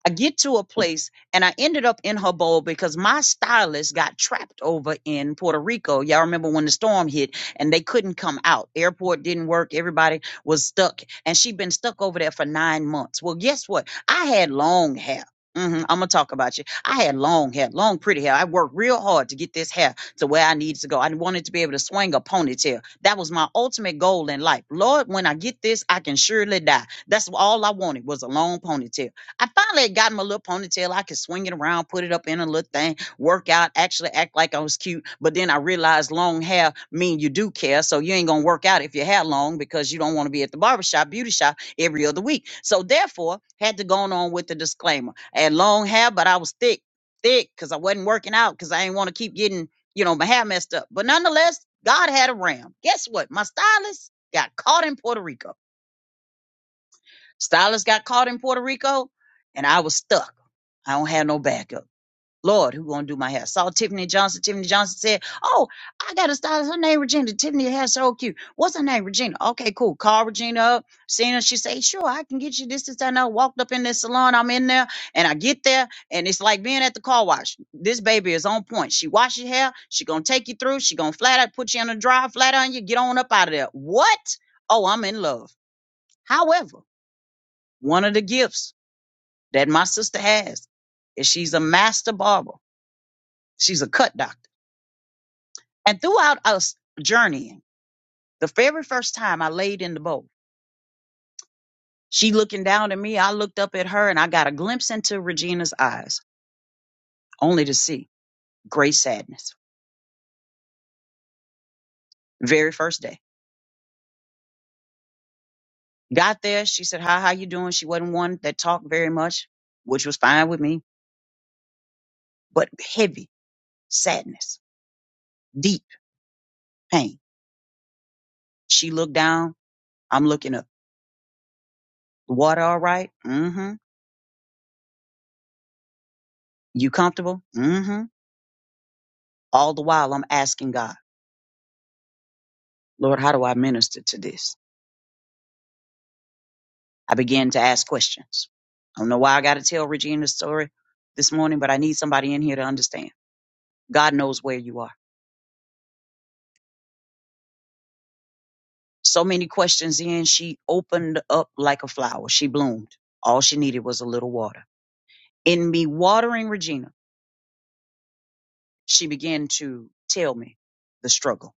[SPEAKER 1] I get to a place and I ended up in her bowl because my stylist got trapped over in Puerto Rico. Y'all remember when the storm hit and they couldn't come out. Airport didn't work. Everybody was stuck. And she'd been stuck over there for nine months. Well, guess what? I had long hair. hmm I'm gonna talk about you. I had long hair, long pretty hair. I worked real hard to get this hair to where I needed to go. I wanted to be able to swing a ponytail. That was my ultimate goal in life. Lord, when I get this, I can surely die. That's all I wanted was a long ponytail. I finally had gotten my little ponytail. I could swing it around, put it up in a little thing, work out, actually act like I was cute. But then I realized long hair mean you do care. So you ain't gonna work out if your hair long because you don't want to be at the barbershop, beauty shop every other week. So therefore, had to go on with the disclaimer. I had long hair, but I was thick, thick, because I wasn't working out because I didn't want to keep getting, you know, my hair messed up. But nonetheless, God had a ram. Guess what? My stylist got caught in Puerto Rico. Stylist got caught in Puerto Rico, and I was stuck. I don't have no backup. Lord, who gonna do my hair? Saw Tiffany Johnson. Tiffany Johnson said, "Oh, I got a stylist. Her name Regina. Tiffany hair so cute. What's her name? Regina. Okay, cool. Call Regina up. Seeing her, she say, "Sure, I can get you this, this, that, and that." Walked up in this salon. I'm in there, and I get there, and it's like being at the car wash. This baby is on point. She wash your hair. She gonna take you through. She gonna flat out put you on the dryer, flat on you. Get on up out of there. What? Oh, I'm in love. However. One of the gifts that my sister has is she's a master barber. She's a cut doctor. And throughout us journeying, the very first time I laid in the boat, she looking down at me, I looked up at her and I got a glimpse into Regina's eyes, only to see great sadness. Very first day. Got there, she said, Hi, how you doing? She wasn't one that talked very much, which was fine with me, but heavy sadness, deep pain. She looked down, I'm looking up. water all right? right. Mm-hmm. You comfortable? Mm-hmm. All the while I'm asking God, Lord, how do I minister to this? I began to ask questions. I don't know why I gotta tell Regina's story this morning, but I need somebody in here to understand. God knows where you are. So many questions in, she opened up like a flower. She bloomed. All she needed was a little water. In me watering Regina, she began to tell me the struggle.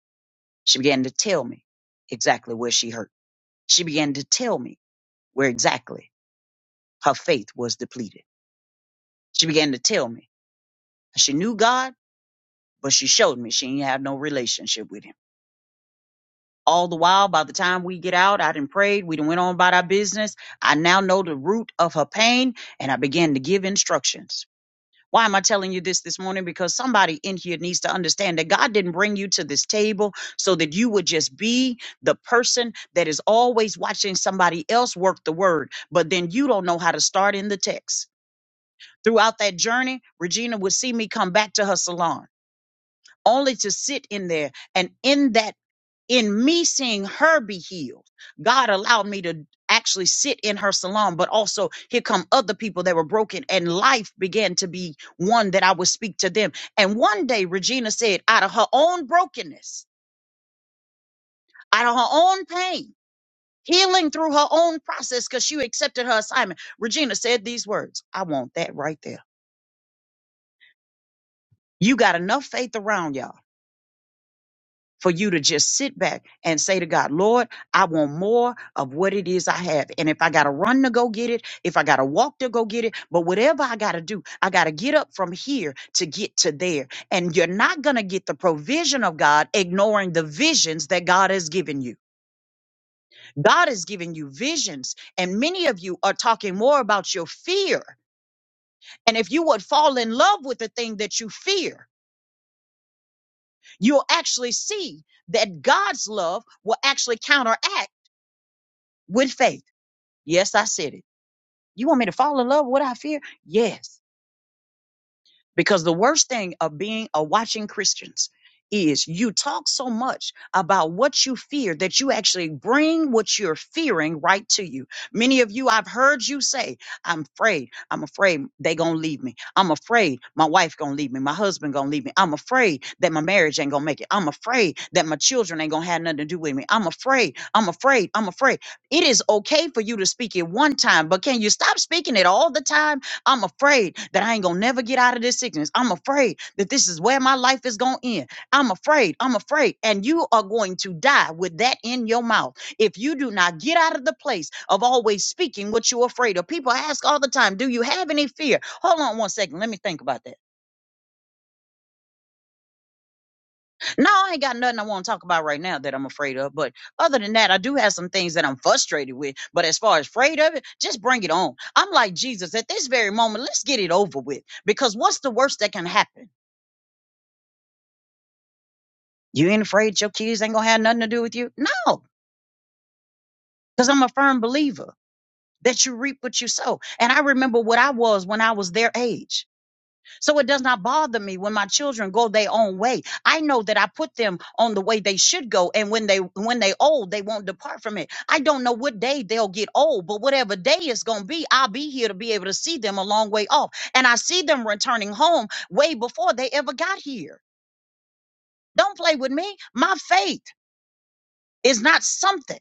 [SPEAKER 1] She began to tell me exactly where she hurt. She began to tell me where exactly her faith was depleted. She began to tell me she knew God, but she showed me she ain't have no relationship with him. All the while, by the time we get out, I done prayed. We done went on about our business. I now know the root of her pain, and I began to give instructions. Why am I telling you this this morning? Because somebody in here needs to understand that God didn't bring you to this table so that you would just be the person that is always watching somebody else work the word, but then you don't know how to start in the text. Throughout that journey, Regina would see me come back to her salon. only to sit in there and in that in me seeing her be healed god allowed me to actually sit in her salon but also here come other people that were broken and life began to be one that i would speak to them and one day regina said out of her own brokenness out of her own pain healing through her own process because she accepted her assignment regina said these words i want that right there you got enough faith around y'all for you to just sit back and say to God, Lord, I want more of what it is I have. And if I got to run to go get it, if I got to walk to go get it, but whatever I got to do, I got to get up from here to get to there. And you're not going to get the provision of God ignoring the visions that God has given you. God has given you visions. And many of you are talking more about your fear. And if you would fall in love with the thing that you fear, you'll actually see that God's love will actually counteract. with faith. Yes, I said it. You want me to fall in love with what I fear? Yes. Because the worst thing of being a watching Christians is you talk so much about what you fear that you actually bring what you're fearing right to you. Many of you, I've heard you say, I'm afraid, I'm afraid they gonna leave me. I'm afraid my wife gonna leave me, my husband gonna leave me. I'm afraid that my marriage ain't gonna make it. I'm afraid that my children ain't gonna have nothing to do with me. I'm afraid, I'm afraid, I'm afraid. It is okay for you to speak it one time, but can you stop speaking it all the time? I'm afraid that I ain't gonna never get out of this sickness. I'm afraid that this is where my life is gonna end. I'm afraid. I'm afraid. And you are going to die with that in your mouth if you do not get out of the place of always speaking what you're afraid of. People ask all the time, Do you have any fear? Hold on one second. Let me think about that. No, I ain't got nothing I wanna talk about right now that I'm afraid of. But other than that, I do have some things that I'm frustrated with. But as far as afraid of it, just bring it on. I'm like Jesus at this very moment. Let's get it over with because what's the worst that can happen? You ain't afraid your kids ain't gonna have nothing to do with you? No, because I'm a firm believer that you reap what you sow. And I remember what I was when I was their age. So it does not bother me when my children go their own way. I know that I put them on the way they should go. And when they when they old, they won't depart from it. I don't know what day they'll get old, but whatever day it's gonna be, I'll be here to be able to see them a long way off. And I see them returning home way before they ever got here. Don't play with me. My faith is not something.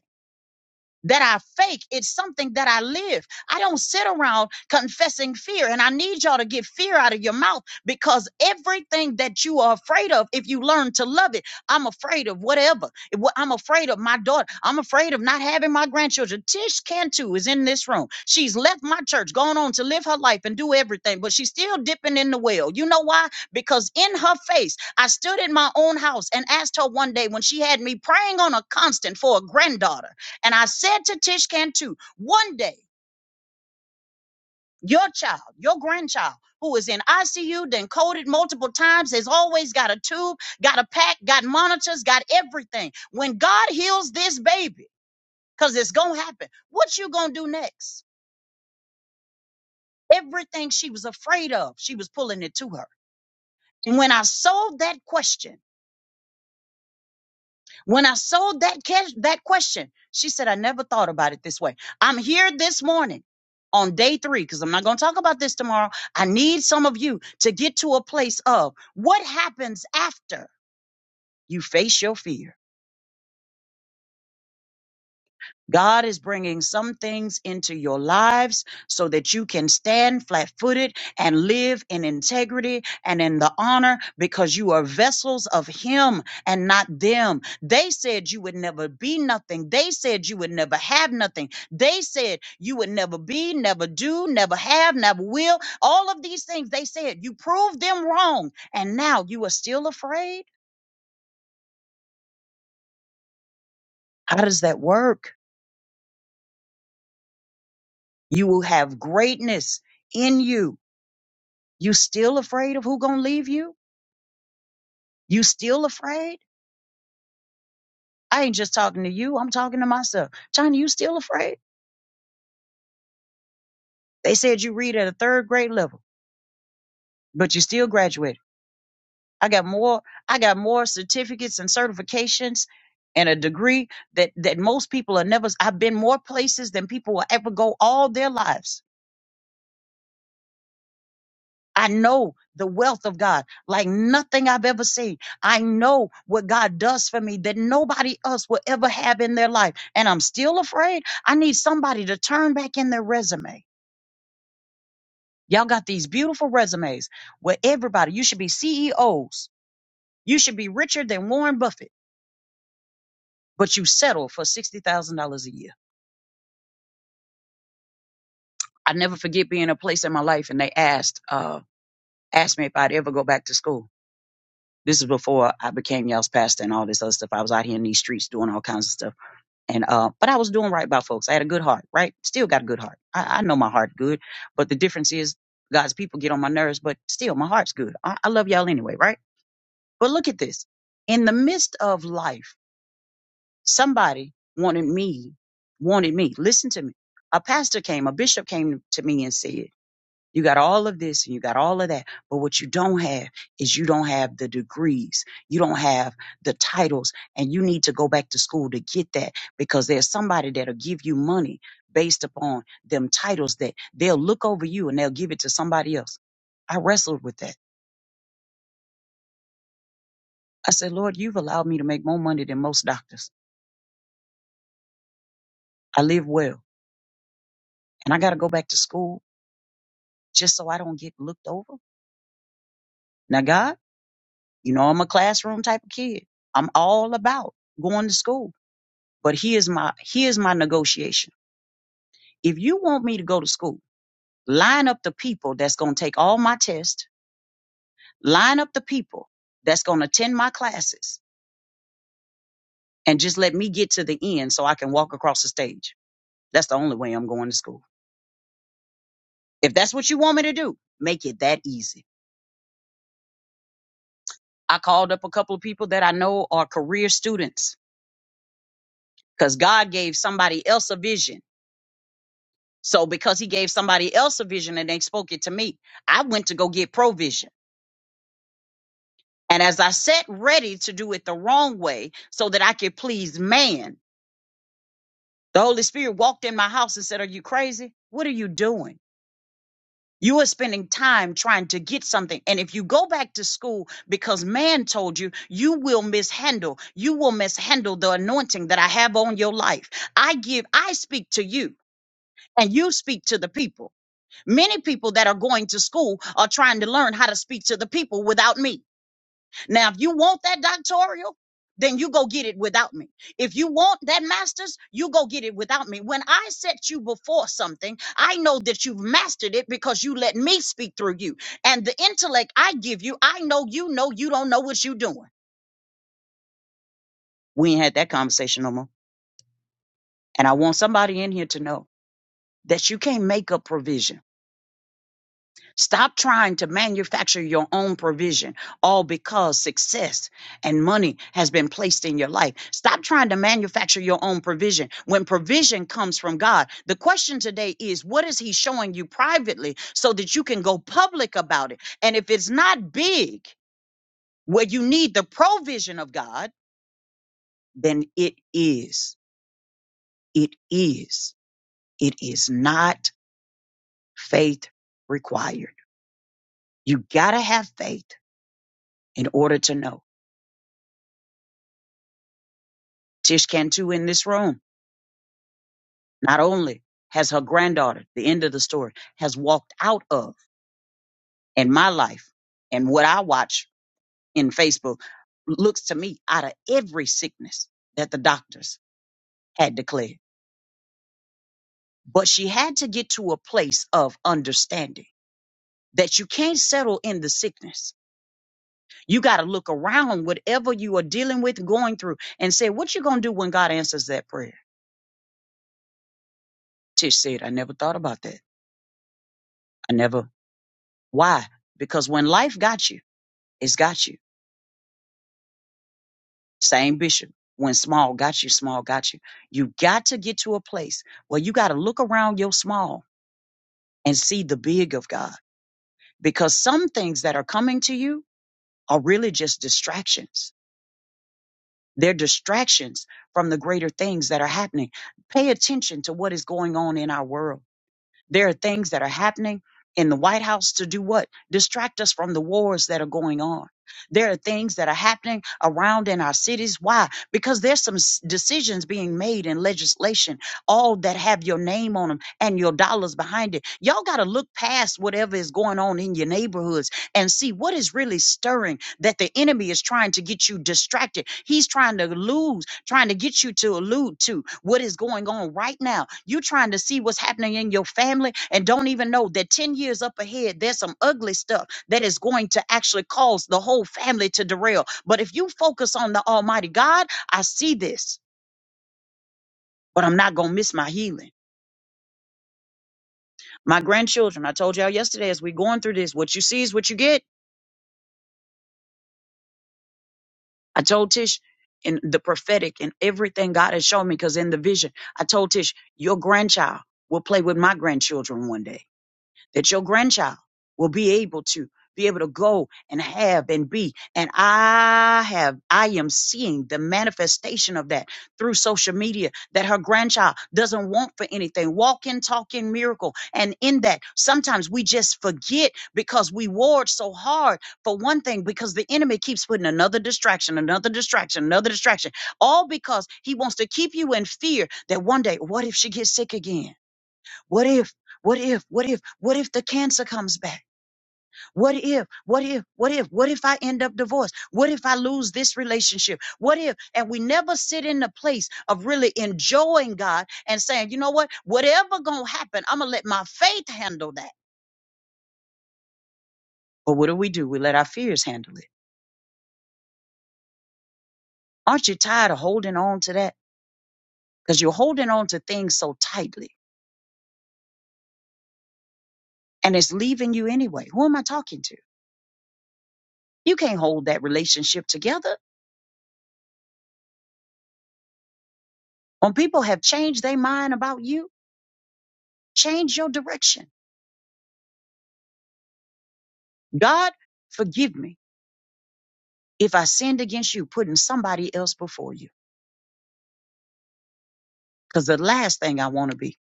[SPEAKER 1] that I fake. It's something that I live. I don't sit around confessing fear. And I need y'all to get fear out of your mouth because everything that you are afraid of, if you learn to love it, I'm afraid of whatever. It- wha- I'm afraid of my daughter. I'm afraid of not having my grandchildren. Tish Cantu is in this room. She's left my church, gone on to live her life and do everything, but she's still dipping in the well. You know why? Because in her face, I stood in my own house and asked her one day when she had me praying on a constant for a granddaughter. And I said to Tish Cantu, one day, your child, your grandchild, who is in ICU, then coded multiple times, has always got a tube, got a pack, got monitors, got everything. When God heals this baby, because it's gonna happen, what you gonna do next? Everything she was afraid of, she was pulling it to her. And when I sold that question, When I sold that cash, that question, she said, I never thought about it this way. I'm here this morning on day three, because I'm not going to talk about this tomorrow. I need some of you to get to a place of what happens after you face your fear. God is bringing some things into your lives so that you can stand flat footed and live in integrity and in the honor because you are vessels of Him and not them. They said you would never be nothing. They said you would never have nothing. They said you would never be, never do, never have, never will. All of these things they said. You proved them wrong. And now you are still afraid? How does that work? You will have greatness in you You still afraid of who gonna leave you? You still afraid? I ain't just talking to you. I'm talking to myself. China, you still afraid? They said you read at a third grade level, but you still graduated. I got more. I got more certificates and certifications and a degree that that most people are never. I've been more places than people will ever go all their lives I know the wealth of God like nothing I've ever seen. I know what God does for me that nobody else will ever have in their life. And I'm still afraid. I need somebody to turn back in their resume. Y'all got these beautiful resumes where everybody, you should be CEOs. You should be richer than Warren Buffett, but you settle for $60,000 a year. I never forget being in a place in my life and they asked, uh, asked me if I'd ever go back to school. This is before I became y'all's pastor and all this other stuff. I was out here in these streets doing all kinds of stuff And uh, but I was doing right by folks. I had a good heart, right? Still got a good heart. I, I know my heart good, but the difference is God's people get on my nerves, but still my heart's good. I, I love y'all anyway, right? But look at this. In the midst of life, somebody wanted me, wanted me. Listen to me. A pastor came, a bishop came to me and said, you got all of this and you got all of that. But what you don't have is you don't have the degrees. You don't have the titles and you need to go back to school to get that because there's somebody that'll give you money based upon them titles that they'll look over you and they'll give it to somebody else. I wrestled with that. I said, Lord, you've allowed me to make more money than most doctors. I live well and I got to go back to school just so I don't get looked over. Now, God, you know, I'm a classroom type of kid. I'm all about going to school. But here's my here's my negotiation. If you want me to go to school, line up the people that's going to take all my tests, line up the people that's going to attend my classes, and just let me get to the end so I can walk across the stage. That's the only way I'm going to school. If that's what you want me to do, make it that easy. I called up a couple of people that I know are career students because God gave somebody else a vision. So because he gave somebody else a vision and they spoke it to me, I went to go get provision And as I sat ready to do it the wrong way so that I could please man, the Holy Spirit walked in my house and said, Are you crazy? What are you doing? You are spending time trying to get something. And if you go back to school because man told you, you will mishandle. You will mishandle the anointing that I have on your life. I give, I speak to you and you speak to the people. Many people that are going to school are trying to learn how to speak to the people without me. Now, if you want that doctoral, then you go get it without me. If you want that master's, you go get it without me. When I set you before something, I know that you've mastered it because you let me speak through you. And the intellect I give you, I know you know you don't know what you're doing. We ain't had that conversation no more. And I want somebody in here to know that you can't make up provision. Stop trying to manufacture your own provision, all because success and money has been placed in your life. Stop trying to manufacture your own provision when provision comes from God. The question today is what is He showing you privately so that you can go public about it? And if it's not big, where you need the provision of God, then it is. It is. It is not faith required. You got to have faith in order to know. Tish Cantu in this room not only has her granddaughter, the end of the story, has walked out of in my life and what I watch in Facebook looks to me out of every sickness that the doctors had declared. But she had to get to a place of understanding that you can't settle in the sickness. You got to look around whatever you are dealing with, going through, and say, what you going to do when God answers that prayer? Tish said, I never thought about that. I never. Why? Because when life got you, It's got you. Same bishop. When small got you, small got you. You got to get to a place where you got to look around your small and see the big of God. Because some things that are coming to you are really just distractions. They're distractions from the greater things that are happening. Pay attention to what is going on in our world. There are things that are happening in the White House to do what? Distract us from the wars that are going on. There are things that are happening around in our cities. Why? Because there's some s- decisions being made in legislation, all that have your name on them and your dollars behind it. Y'all got to look past whatever is going on in your neighborhoods and see what is really stirring that the enemy is trying to get you distracted. He's trying to lose, trying to get you to allude to what is going on right now. You're trying to see what's happening in your family and don't even know that 10 years up ahead, there's some ugly stuff that is going to actually cause the whole family to derail. But if you focus on the Almighty God, I see this. But I'm not gonna miss my healing. My grandchildren, I told y'all yesterday as we going through this, what you see is what you get. I told Tish in the prophetic and everything God has shown me, because in the vision, I told Tish, your grandchild will play with my grandchildren one day that your grandchild will be able to be able to go and have and be and i have i am seeing the manifestation of that through social media that her grandchild doesn't want for anything walk in talk in miracle and in that sometimes we just forget because we ward so hard for one thing because the enemy keeps putting another distraction another distraction another distraction all because he wants to keep you in fear that one day what if she gets sick again what if? What if? What if? What if the cancer comes back? What if? What if? What if? What if I end up divorced? What if I lose this relationship? What if? And we never sit in the place of really enjoying God and saying, you know what? Whatever gonna happen, I'm gonna let my faith handle that. But what do we do? We let our fears handle it. Aren't you tired of holding on to that? Because you're holding on to things so tightly and it's leaving you anyway. Who am I talking to? You can't hold that relationship together. When people have changed their mind about you, Change your direction. God, forgive me if I sinned against you, putting somebody else before you. Because the last thing I want to be,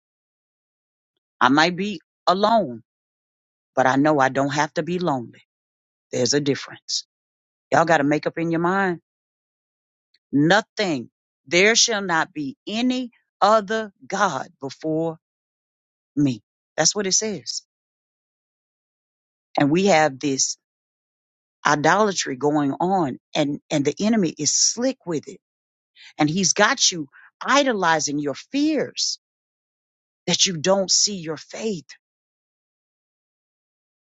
[SPEAKER 1] I might be alone, but I know I don't have to be lonely. There's a difference. Y'all got to make up in your mind. Nothing. There shall not be any other God before me. That's what it says. And we have this idolatry going on and, and the enemy is slick with it. And he's got you idolizing your fears that you don't see your faith.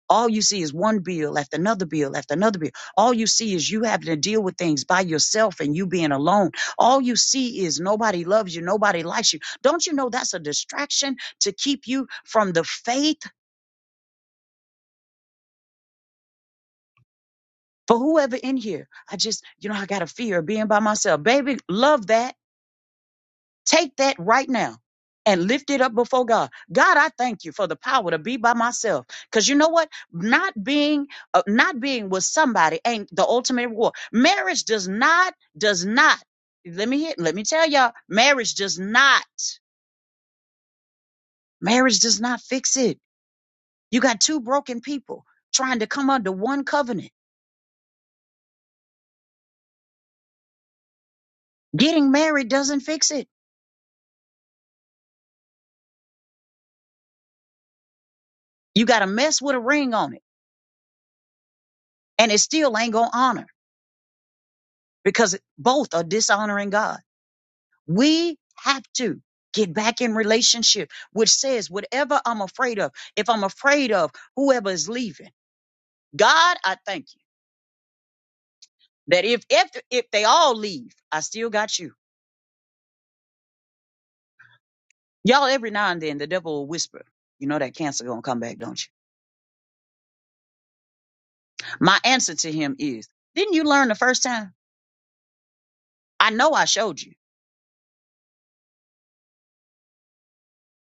[SPEAKER 1] All you see is one bill after another bill after another bill. All you see is you having to deal with things by yourself and you being alone. All you see is nobody loves you, nobody likes you. Don't you know that's a distraction to keep you from the faith? For whoever in here, I just, you know, I got a fear of being by myself. Baby, love that Take that right now and lift it up before God. God, I thank you for the power to be by myself. Cause you know what? Not being, uh, not being with somebody ain't the ultimate reward. Marriage does not, does not. Let me hit, let me tell y'all, marriage does not, marriage does not fix it. You got two broken people trying to come under one covenant. Getting married doesn't fix it. You got a mess with a ring on it and it still ain't gonna honor because both are dishonoring God. We have to get back in relationship, which says whatever I'm afraid of, if I'm afraid of whoever is leaving, God, I thank you that if if if they all leave, I still got you. Y'all, every now and then the devil will whisper, you know that cancer gonna come back, don't you? My answer to him is, didn't you learn the first time? I know I showed you,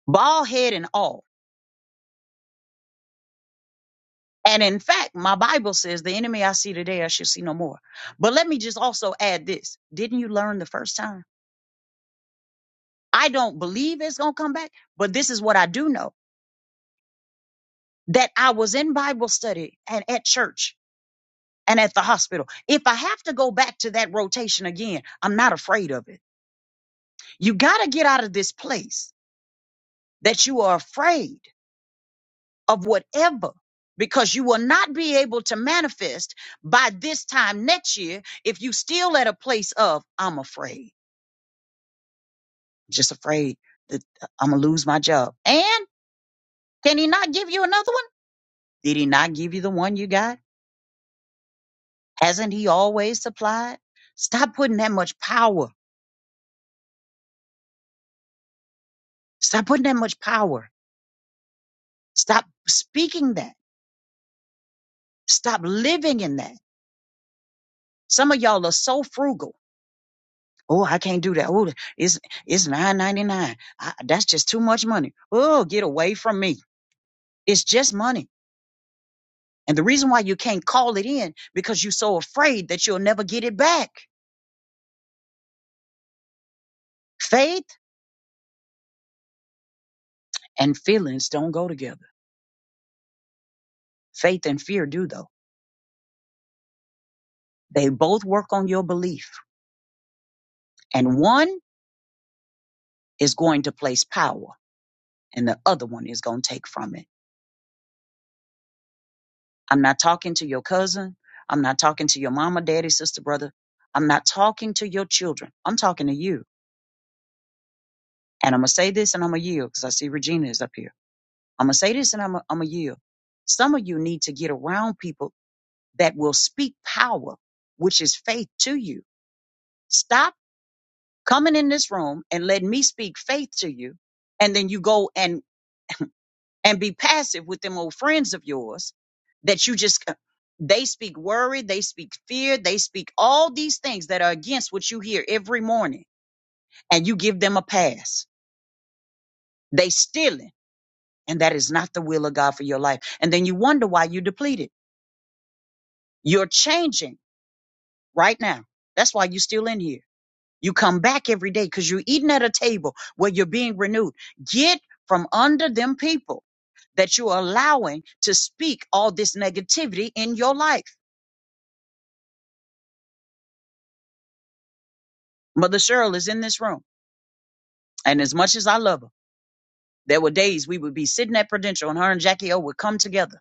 [SPEAKER 1] bald head and all. And in fact, my Bible says the enemy I see today, I shall see no more. But let me just also add this. Didn't you learn the first time? I don't believe it's going to come back, but this is what I do know that I was in Bible study and at church and at the hospital. If I have to go back to that rotation again, I'm not afraid of it. You got to get out of this place that you are afraid of whatever because you will not be able to manifest by this time next year if you still at a place of I'm afraid. Just afraid that I'm going to lose my job. And can he not give you another one? Did he not give you the one you got? Hasn't he always supplied? Stop putting that much power. Stop putting that much power. Stop speaking that. Stop living in that. Some of y'all are so frugal. Oh, I can't do that. Oh, it's it's nine ninety nine. That's just too much money. Oh, get away from me. It's just money. And the reason why you can't call it in because you're so afraid that you'll never get it back. Faith and feelings don't go together. Faith and fear do though. They both work on your belief. And one is going to place power and the other one is going to take from it. I'm not talking to your cousin. I'm not talking to your mama, daddy, sister, brother. I'm not talking to your children. I'm talking to you. And I'm going to say this and I'm going to yield because I see Regina is up here. I'm going to say this and I'm going to yield. Some of you need to get around people that will speak power, which is faith to you. Stop coming in this room and letting me speak faith to you. And then you go and. and be passive with them old friends of yours that you just uh, they speak worry they speak fear they speak all these things that are against what you hear every morning and you give them a pass they stealing and that is not the will of god for your life and then you wonder why you are depleted you're changing right now that's why you're still in here you come back every day because you're eating at a table where you're being renewed get from under them people that you're allowing to speak all this negativity in your life Mother Cheryl is in this room. And as much as I love her, there were days we would be sitting at Prudential and her and Jackie O would come together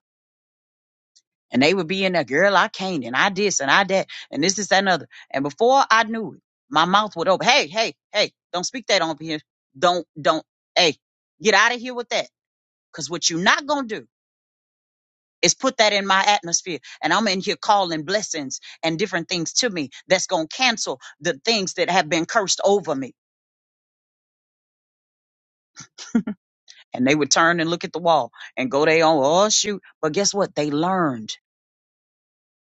[SPEAKER 1] and they would be in there, girl, I can't and I this and I that and this, this, that, and other. And before I knew it, my mouth would open. Hey, hey, hey, don't speak that on here. Don't, don't, hey, get out of here with that. Cause what you're not gonna do is put that in my atmosphere. And I'm in here calling blessings and different things to me that's gonna cancel the things that have been cursed over me and they would turn and look at the wall and go their own oh shoot but guess what they learned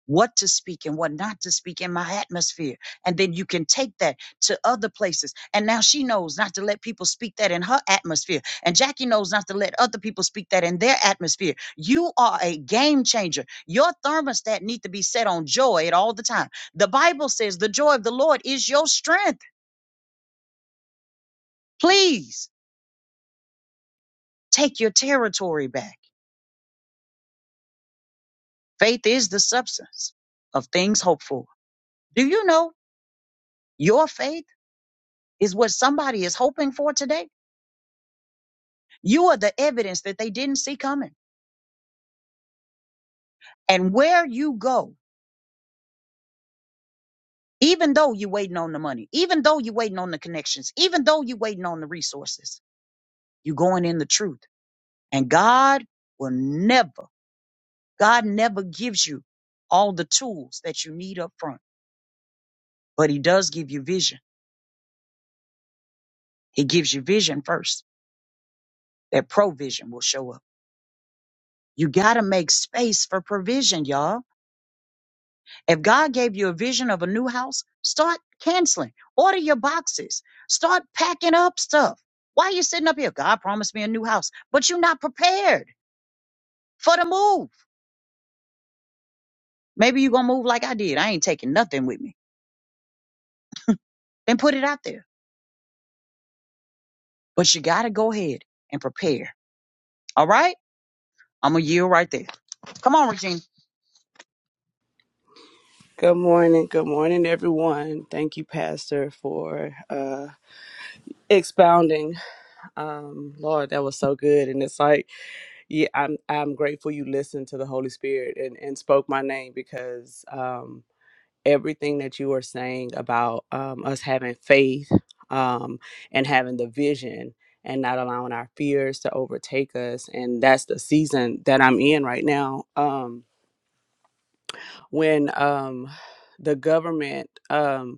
[SPEAKER 1] what to speak and what not to speak in my atmosphere and then you can take that to other places and now she knows not to let people speak that in her atmosphere and jackie knows not to let other people speak that in their atmosphere you are a game changer your thermostat need to be set on joy at all the time the bible says the joy of the lord is your strength please take your territory back faith is the substance of things hoped for. Do you know your faith is what somebody is hoping for today? You are the evidence that they didn't see coming. And where you go, even though you're waiting on the money, even though you're waiting on the connections, even though you're waiting on the resources, you're going in the truth. And God will never, God never gives you all the tools that you need up front, but He does give you vision. He gives you vision first. That provision will show up. You got to make space for provision, y'all. If God gave you a vision of a new house, start canceling. Order your boxes. Start packing up stuff. Why are you sitting up here? God promised me a new house, but you're not prepared for the move. Maybe you're going to move like I did. I ain't taking nothing with me. Then put it out there. But you got to go ahead and prepare. All right? I'm going to yield right there. Come on, Regina.
[SPEAKER 3] Good morning. Good morning, everyone. Thank you, Pastor, for uh, expounding. Um, Lord, that was so good. And it's like, yeah, I'm I'm grateful you listened to the Holy Spirit and, and spoke my name because um, everything that you are saying about um, us having faith um, and having the vision and not allowing our fears to overtake us. And that's the season that I'm in right now. Um, when um, the government. Um,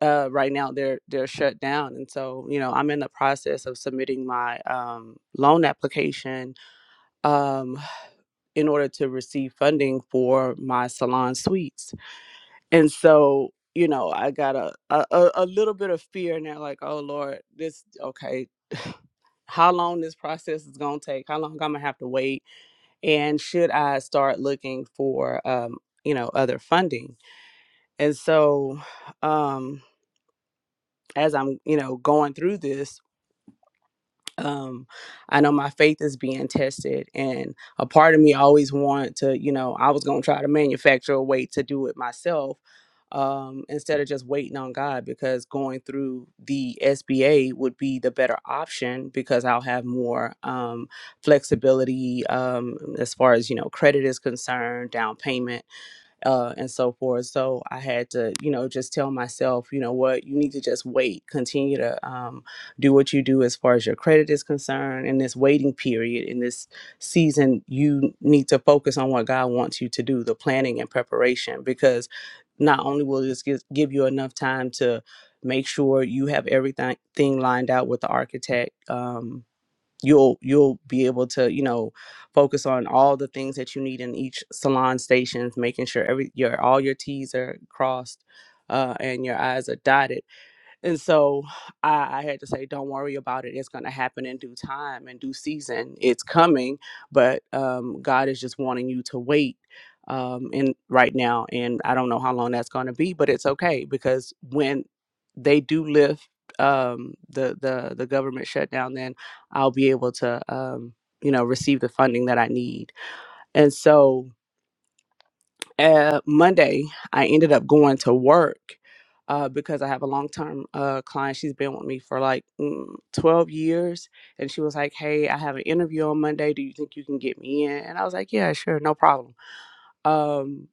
[SPEAKER 3] uh, right now they're they're shut down and so you know i'm in the process of submitting my um, loan application um, in order to receive funding for my salon suites and so you know i got a a, a little bit of fear now like oh lord this okay (sighs) (laughs) how long this process is going to take how long i'm going to have to wait and should i start looking for um, you know other funding and so um as i'm you know going through this um i know my faith is being tested and a part of me always wanted to you know i was going to try to manufacture a way to do it myself um instead of just waiting on god because going through the sba would be the better option because i'll have more um flexibility um as far as you know credit is concerned down payment uh, and so forth. So I had to, you know, just tell myself, you know what, you need to just wait, continue to um, do what you do as far as your credit is concerned. In this waiting period, in this season, you need to focus on what God wants you to do, the planning and preparation, because not only will this give, give you enough time to make sure you have everything thing lined out with the architect. Um, you'll you'll be able to you know focus on all the things that you need in each salon stations making sure every your all your t's are crossed uh, and your i's are dotted and so I, I had to say, don't worry about it. It's going to happen in due time and due season. It's coming, but um, God is just wanting you to wait um, in right now. And I don't know how long that's going to be, but it's okay because when they do lift um, the the the government shutdown, then I'll be able to um, you know receive the funding that I need. And so uh, Monday, I ended up going to work uh, because I have a long term uh, client. She's been with me for like mm, 12 years. And she was like, Hey, I have an interview on Monday. Do you think you can get me in? And I was like, Yeah, sure, no problem. Um,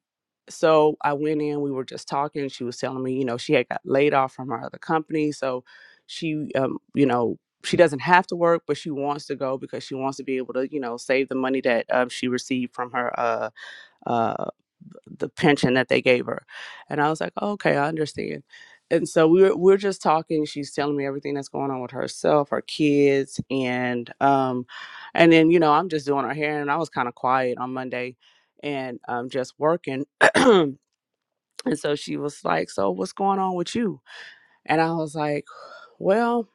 [SPEAKER 3] so I went in, we were just talking. She was telling me, you know, she had got laid off from her other company. So she, um, you know, she doesn't have to work, but she wants to go because she wants to be able to, you know, save the money that um, she received from her. Uh, uh, the pension that they gave her. And I was like, oh, okay, I understand. And so we were, we are just talking. She's telling me everything that's going on with herself, her kids, and um, and then you know I'm just doing her hair, and I was kind of quiet on Monday, and um, just working. (clears throat) and so she was like, "So what's going on with you?" And I was like, "Well,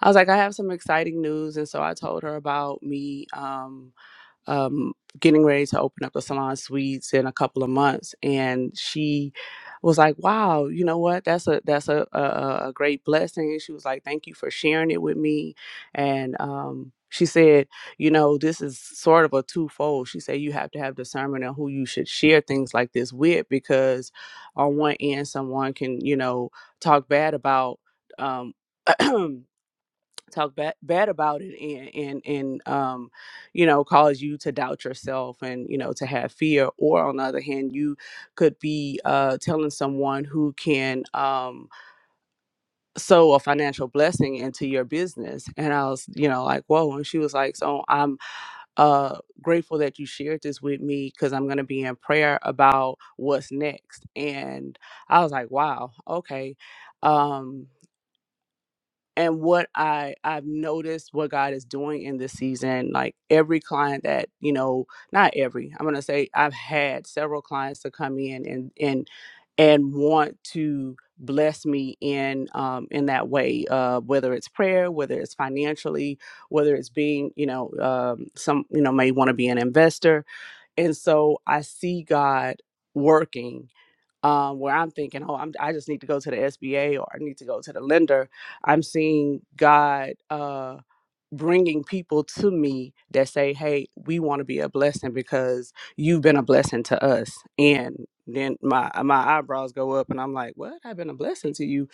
[SPEAKER 3] I was like, I have some exciting news." And so I told her about me. Um, um, getting ready to open up the salon suites in a couple of months, and she was like, "Wow, you know what? That's a that's a a, a great blessing." And she was like, "Thank you for sharing it with me," and um, she said, "You know, this is sort of a twofold." She said, "You have to have discernment on who you should share things like this with, because on one end, someone can you know talk bad about." Um, (clears throat) talk bad, bad about it and and and um you know cause you to doubt yourself and you know to have fear or on the other hand you could be uh telling someone who can um sow a financial blessing into your business and i was you know like whoa and she was like so i'm uh grateful that you shared this with me because i'm going to be in prayer about what's next and i was like wow okay um and what i i've noticed what god is doing in this season like every client that you know not every i'm gonna say i've had several clients to come in and and and want to bless me in um in that way uh whether it's prayer whether it's financially whether it's being you know um some you know may want to be an investor and so i see god working um, where I'm thinking, oh, I'm, I just need to go to the SBA or I need to go to the lender. I'm seeing God uh, bringing people to me that say, hey, we want to be a blessing because you've been a blessing to us. And then my my eyebrows go up and I'm like, what? I've been a blessing to you.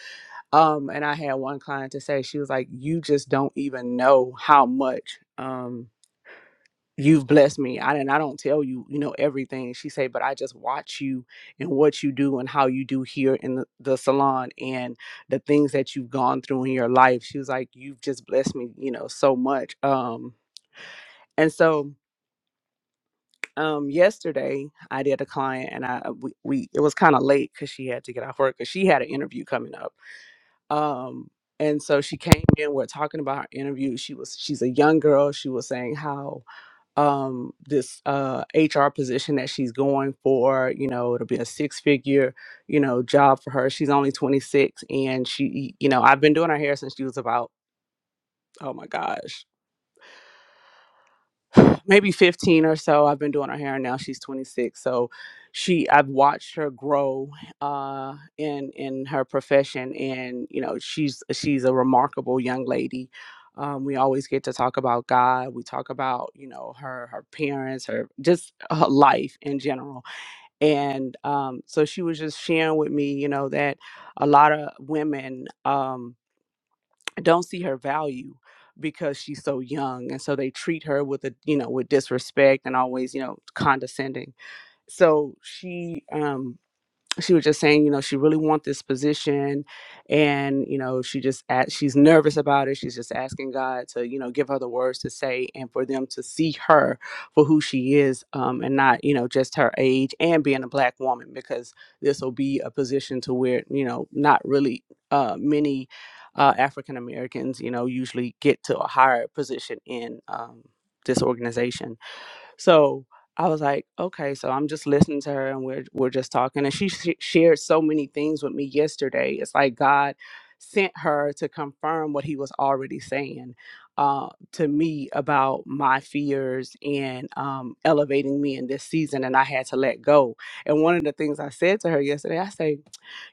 [SPEAKER 3] Um, and I had one client to say, she was like, you just don't even know how much. Um, you've blessed me. I and I don't tell you, you know, everything. She said, but I just watch you and what you do and how you do here in the, the salon and the things that you've gone through in your life. She was like, You've just blessed me, you know, so much. Um and so um yesterday I did a client and I we, we it was kind of late because she had to get off work because she had an interview coming up. Um and so she came in, we're talking about her interview. She was she's a young girl. She was saying how um this uh HR position that she's going for, you know, it'll be a six-figure, you know, job for her. She's only 26 and she you know, I've been doing her hair since she was about oh my gosh. (sighs) maybe 15 or so i've been doing her hair and now she's 26 so she i've watched her grow uh in in her profession and you know she's she's a remarkable young lady um, we always get to talk about god we talk about you know her her parents her just her life in general and um, so she was just sharing with me you know that a lot of women um, don't see her value because she's so young and so they treat her with a you know with disrespect and always you know condescending so she um she was just saying, you know, she really want this position, and you know, she just a she's nervous about it. She's just asking God to, you know, give her the words to say, and for them to see her for who she is, um, and not, you know, just her age and being a black woman, because this will be a position to where, you know, not really uh, many uh, African Americans, you know, usually get to a higher position in um, this organization. So I was like, okay, so I'm just listening to her and we're we're just talking and she sh- shared so many things with me yesterday. It's like God sent her to confirm what he was already saying uh, to me about my fears and um, elevating me in this season and I had to let go. And one of the things I said to her yesterday, I say,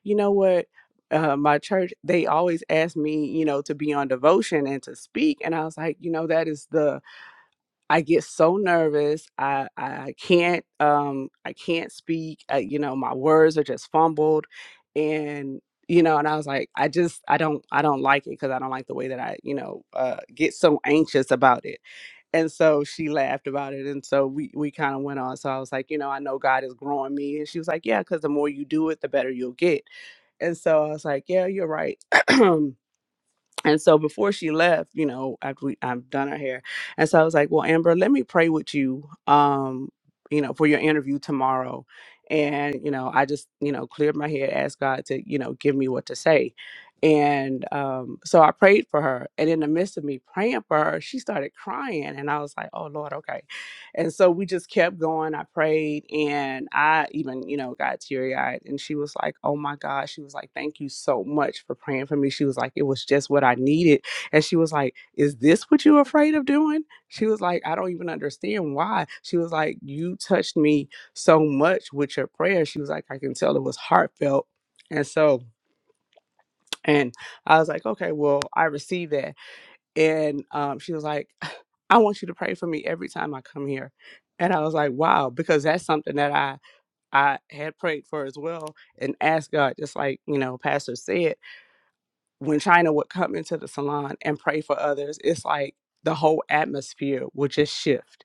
[SPEAKER 3] you know what? Uh, my church, they always ask me, you know, to be on devotion and to speak. And I was like, you know, that is the I get so nervous. I I can't um I can't speak. Uh, you know, my words are just fumbled, and you know, and I was like, I just I don't I don't like it because I don't like the way that I you know uh, get so anxious about it. And so she laughed about it, and so we we kind of went on. So I was like, you know, I know God is growing me, and she was like, yeah, because the more you do it, the better you'll get. And so I was like, yeah, you're right. (clears throat) and so before she left, you know, after we I've done her hair. And so I was like, Well, Amber, let me pray with you, um, you know, for your interview tomorrow. And, you know, I just, you know, cleared my head, asked God to, you know, give me what to say. And um, so I prayed for her. And in the midst of me praying for her, she started crying. And I was like, Oh Lord, okay. And so we just kept going. I prayed and I even, you know, got teary eyed. And she was like, Oh my God. She was like, Thank you so much for praying for me. She was like, It was just what I needed. And she was like, Is this what you're afraid of doing? She was like, I don't even understand why. She was like, You touched me so much with your prayer. She was like, I can tell it was heartfelt. And so, and I was like, Okay, well, I received that and um, she was like, (laughs) "I want you to pray for me every time I come here." And I was like, "Wow," because that's something that I I had prayed for as well and asked God, just like you know, Pastor said, when China would come into the salon and pray for others, it's like the whole atmosphere would just shift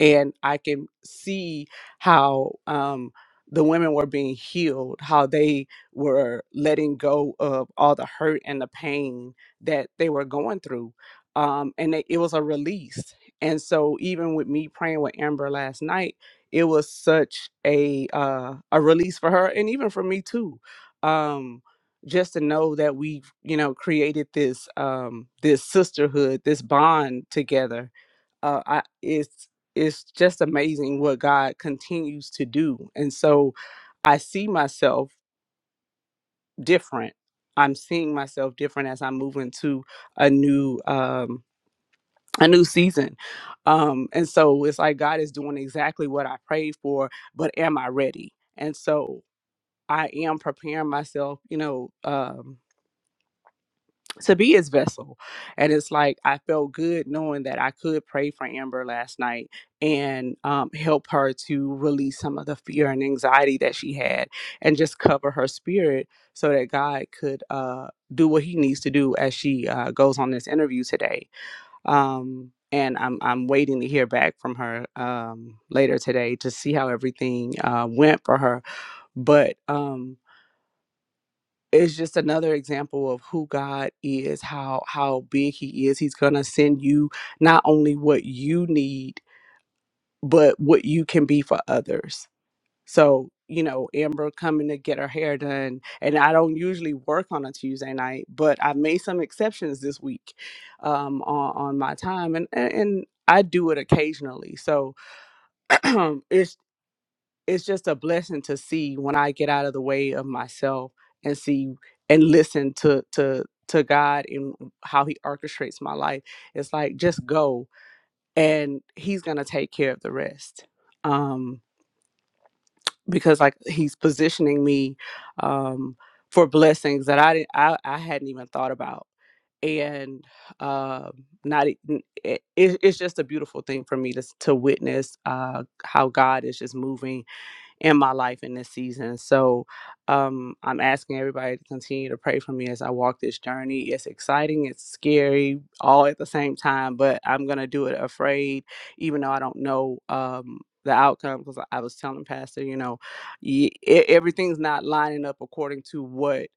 [SPEAKER 3] and I can see how um, the women were being healed, how they were letting go of all the hurt and the pain that they were going through, um, and it, it was a release. And so, even with me praying with Amber last night, it was such a uh, a release for her, and even for me too. Um, just to know that we've you know created this um, this sisterhood, this bond together, uh, I, it's it's just amazing what God continues to do. And so I see myself different. I'm seeing myself different as I move into a new um a new season. Um and so it's like God is doing exactly what I prayed for, but am I ready? And so I am preparing myself, you know, um to be his vessel. And it's like I felt good knowing that I could pray for Amber last night and um, help her to release some of the fear and anxiety that she had and just cover her spirit so that God could uh, do what he needs to do as she uh, goes on this interview today. Um, and I'm, I'm waiting to hear back from her um, later today to see how everything uh, went for her. But um, it's just another example of who God is, how how big he is. He's going to send you not only what you need, but what you can be for others. So, you know, Amber coming to get her hair done, and I don't usually work on a Tuesday night, but I made some exceptions this week um on on my time and and, and I do it occasionally. So, (clears throat) it's it's just a blessing to see when I get out of the way of myself and see and listen to to to God and how he orchestrates my life. It's like just go and he's going to take care of the rest. Um because like he's positioning me um for blessings that I didn't I, I hadn't even thought about. And um not e- n- it, it, it's just a beautiful thing for me to s- to witness uh how God is just moving in my life in this season. So um, I'm asking everybody to continue to pray for me as I walk this journey. It's exciting, it's scary, all at the same time, but I'm going to do it afraid, even though I don't know. Um, the outcome because I I was telling Pastor, you know, y- e- everything's not lining up according to what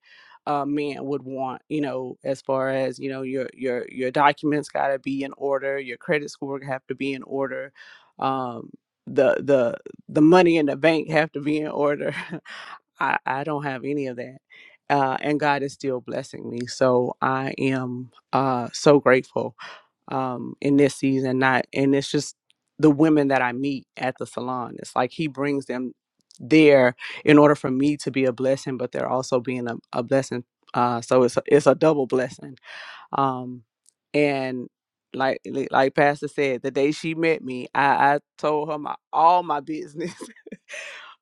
[SPEAKER 3] a man would want you know as far as you know your your your documents got to be in order your credit score have to be in order um the the the money in the bank have to be in order. (laughs) I, I don't have any of that. Uh, and God is still blessing me. So I am uh, so grateful um, in this season. Not and it's just the women that I meet at the salon. It's like He brings them there in order for me to be a blessing, but they're also being a, a blessing. Uh, so it's a, it's a double blessing. Um, and like like like Pastor said, the day she met me, I, I told her my all my business. (laughs)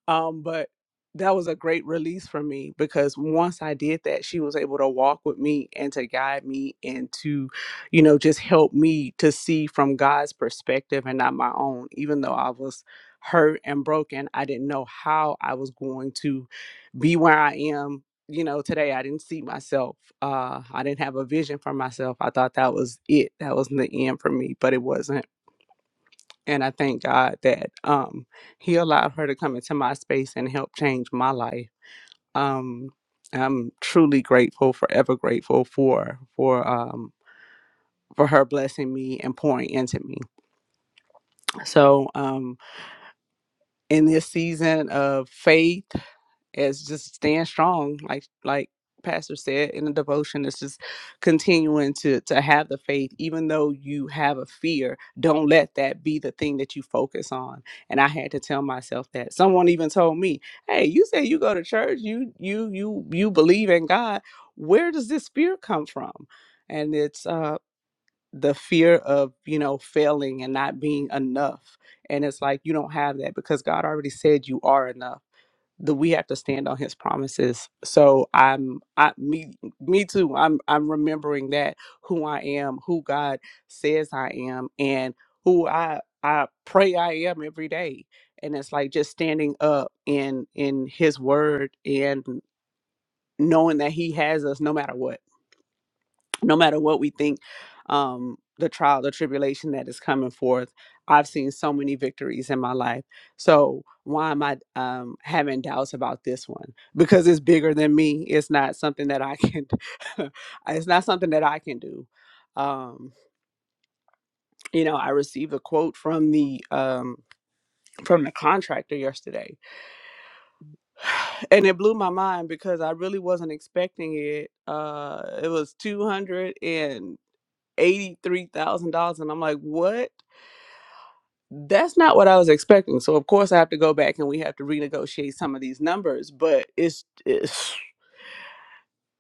[SPEAKER 3] Um, but that was a great release for me because once I did that, she was able to walk with me and to guide me and to, you know, just help me to see from God's perspective and not my own. Even though I was hurt and broken, I didn't know how I was going to be where I am. You know, today I didn't see myself. Uh, I didn't have a vision for myself. I thought that was it. That was the end for me, but it wasn't and I thank God that um he allowed her to come into my space and help change my life. Um I'm truly grateful, forever grateful for for um for her blessing me and pouring into me. So um in this season of faith as just staying strong, like like Pastor said in the devotion, it's just continuing to to have the faith, even though you have a fear. Don't let that be the thing that you focus on. And I had to tell myself that. Someone even told me, "Hey, you say you go to church, you you you you believe in God. Where does this fear come from?" And it's uh the fear of you know failing and not being enough and it's like you don't have that because god already said you are enough that we have to stand on his promises. So I'm I me me too. I'm I'm remembering that who I am, who God says I am and who I I pray I am every day. And it's like just standing up in in his word and knowing that he has us no matter what no matter what we think um the trial the tribulation that is coming forth i've seen so many victories in my life so why am i um having doubts about this one because it's bigger than me it's not something that i can (laughs) it's not something that i can do um you know i received a quote from the um from the contractor yesterday (sighs) and it blew my mind because i really wasn't expecting it uh it was 250 $83,000. And I'm like, what? That's not what I was expecting. So, of course, I have to go back and we have to renegotiate some of these numbers. But it's, it's